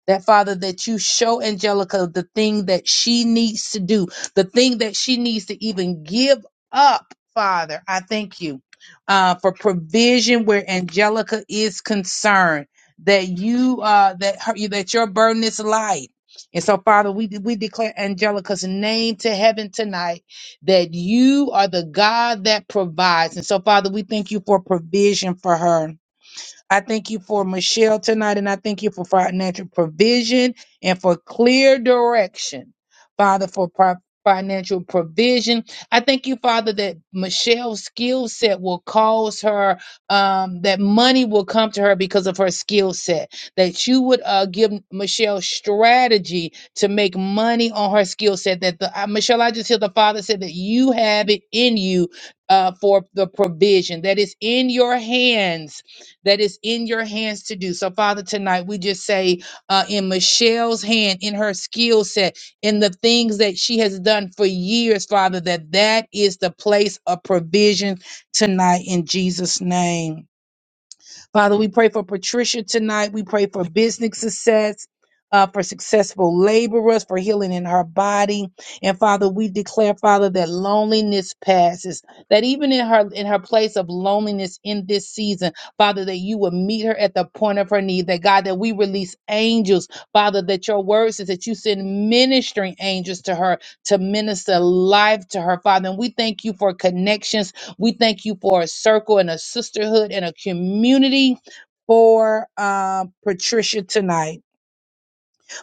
that Father, that you show Angelica the thing that she needs to do, the thing that she needs to even give up, Father. I thank you uh, for provision where Angelica is concerned. That you, uh, that her, that your burden is light. And so, Father, we we declare Angelica's name to heaven tonight. That you are the God that provides. And so, Father, we thank you for provision for her. I thank you for Michelle tonight, and I thank you for financial provision and for clear direction, Father, for pro- financial provision. I thank you, Father, that Michelle's skill set will cause her, um, that money will come to her because of her skill set, that you would uh, give Michelle strategy to make money on her skill set. That the, uh, Michelle, I just hear the Father said that you have it in you uh, for the provision that is in your hands that is in your hands to do. So, Father, tonight we just say uh, in Michelle's hand, in her skill set, in the things that she has done for years, Father, that that is the place of provision tonight in Jesus' name. Father, we pray for Patricia tonight. We pray for business success. Uh, for successful laborers, for healing in her body, and Father, we declare, Father, that loneliness passes. That even in her in her place of loneliness in this season, Father, that you will meet her at the point of her need. That God, that we release angels, Father, that your word says that you send ministering angels to her to minister life to her, Father. And we thank you for connections we thank you for a circle and a sisterhood and a community for um, Patricia tonight.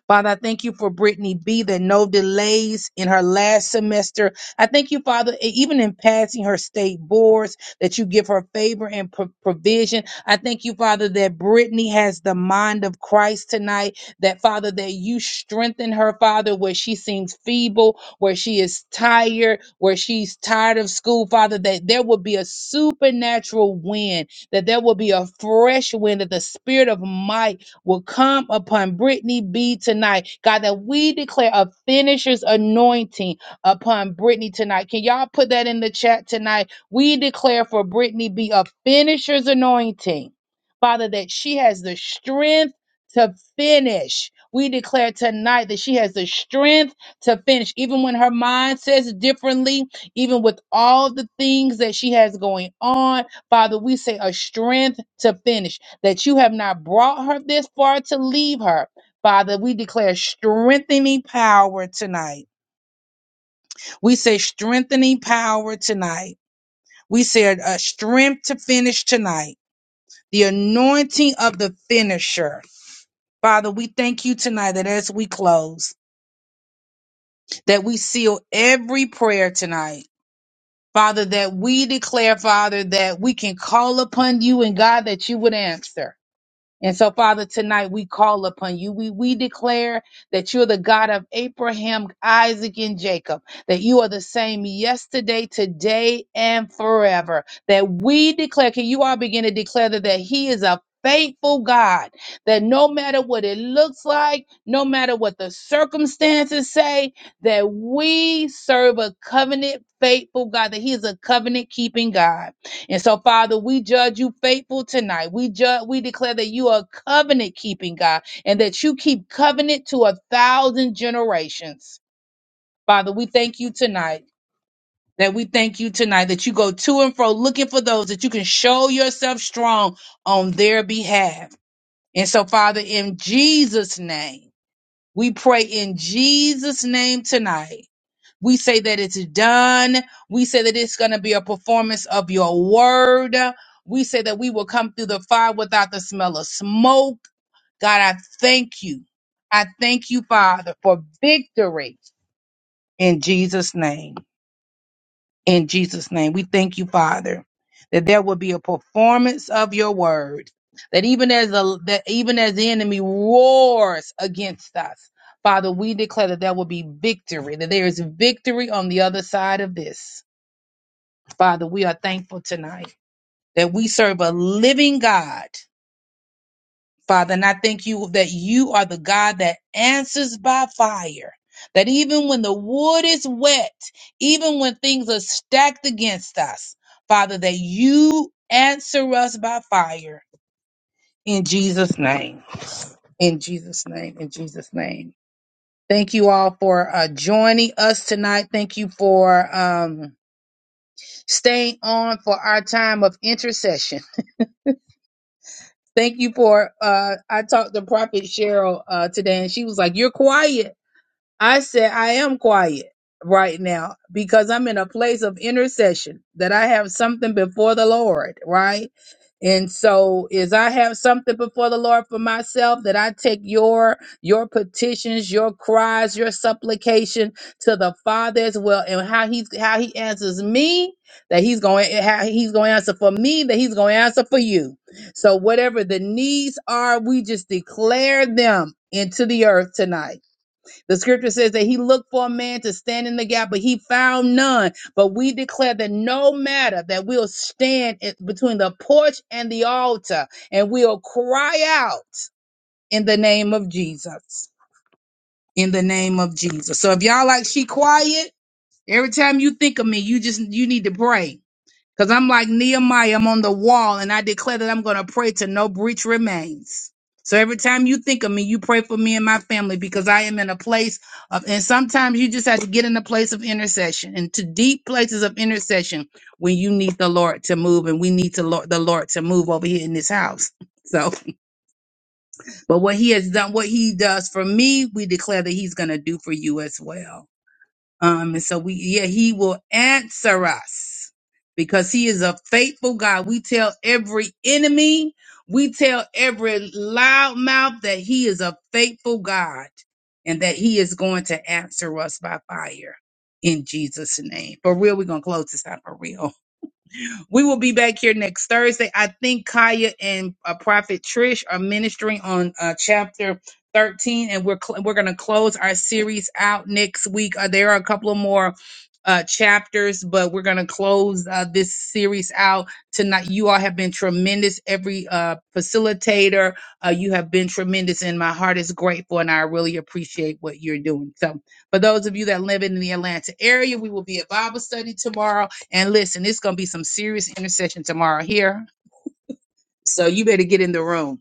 Father, I thank you for Brittany B. That no delays in her last semester. I thank you, Father, e- even in passing her state boards, that you give her favor and pro- provision. I thank you, Father, that Brittany has the mind of Christ tonight. That Father, that you strengthen her, Father, where she seems feeble, where she is tired, where she's tired of school, Father. That there will be a supernatural wind. That there will be a fresh wind. That the spirit of might will come upon Brittany B tonight. God, that we declare a finisher's anointing upon Brittany tonight. Can y'all put that in the chat tonight? We declare for Brittany B a finisher's anointing. Father, that she has the strength to finish. We declare tonight that she has the strength to finish, even when her mind says differently, even with all the things that she has going on. Father, we say a strength to finish that you have not brought her this far to leave her. Father, we declare strengthening power tonight. We say strengthening power tonight. We say a strength to finish tonight. The anointing of the finisher. Father, we thank you tonight that as we close, that we seal every prayer tonight. Father, that we declare, Father, that we can call upon you and God that you would answer. And so, Father, tonight we call upon you. We, we declare that you're the God of Abraham, Isaac, and Jacob, that you are the same yesterday, today, and forever. That we declare, can you all begin to declare that, that He is a faithful God, that no matter what it looks like, no matter what the circumstances say, that we serve a covenant faithful God, that He is a covenant keeping God. And so, Father, we judge you faithful tonight. We judge, we declare that you are covenant keeping God and that you keep covenant to a thousand generations. Father, we thank you tonight. That we thank you tonight that you go to and fro looking for those that you can show yourself strong on their behalf. And so, Father, in Jesus' name, we pray in Jesus' name tonight. We say that it's done. We say that it's going to be a performance of your word. We say that we will come through the fire without the smell of smoke. God, I thank you. I thank you, Father, for victory in Jesus' name. In Jesus' name, we thank you, Father, that there will be a performance of your word. That even as the that even as the enemy roars against us, Father, we declare that there will be victory. That there is victory on the other side of this Father, we are thankful tonight that we serve a living God. Father, and I thank you that you are the God that answers by fire. That even when the wood is wet, even when things are stacked against us, Father, that you answer us by fire. In Jesus' name. In Jesus' name. In Jesus' name. Thank you all for uh, joining us tonight. Thank you for um, staying on for our time of intercession. Thank you for uh I talked to Prophet Cheryl uh today and she was like, You're quiet. I said I am quiet right now because I'm in a place of intercession that I have something before the Lord, right? And so is I have something before the Lord for myself that I take your your petitions, your cries, your supplication to the Father as well and how he's how he answers me that he's going how he's going to answer for me that he's going to answer for you. So whatever the needs are, we just declare them into the earth tonight the scripture says that he looked for a man to stand in the gap, but he found none. But we declare that no matter that we'll stand in- between the porch and the altar and we'll cry out in the name of Jesus. In the name of Jesus. So if y'all like she quiet, every time you think of me, you just you need to pray. Because I'm like Nehemiah, I'm on the wall, and I declare that I'm going to pray till no breach remains. So every time you think of me, you pray for me and my family because I am in a place of, and sometimes you just have to get in a place of intercession and to deep places of intercession when you need the Lord to move and we need to Lord, the Lord to move over here in this house. So, but what he has done, what he does for me, we declare that he's going to do for you as well. Um, and so we, yeah, he will answer us because he is a faithful God. We tell every enemy, we tell every loud mouth that he is a faithful God and that he is going to answer us by fire in Jesus' name. For real, we're going to close this out for real. We will be back here next Thursday. I think Kaya and uh, Prophet Trish are ministering on uh, chapter 13, and we're cl- we're going to close our series out next week. Uh, there are a couple of more uh, chapters, but we're going to close uh, this series out tonight. You all have been tremendous. Every uh, facilitator, uh, you have been tremendous, and my heart is grateful, and I really appreciate what you're doing. So, for those of you that live in the Atlanta area, we will be at Bible study tomorrow. And listen, it's going to be some serious intercession tomorrow here. So you better get in the room.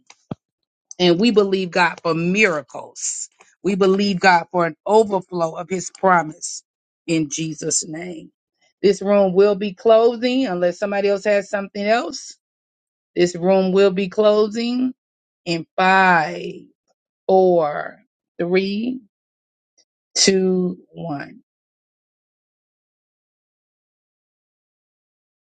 And we believe God for miracles. We believe God for an overflow of his promise in Jesus' name. This room will be closing unless somebody else has something else. This room will be closing in five, four, three, two, one.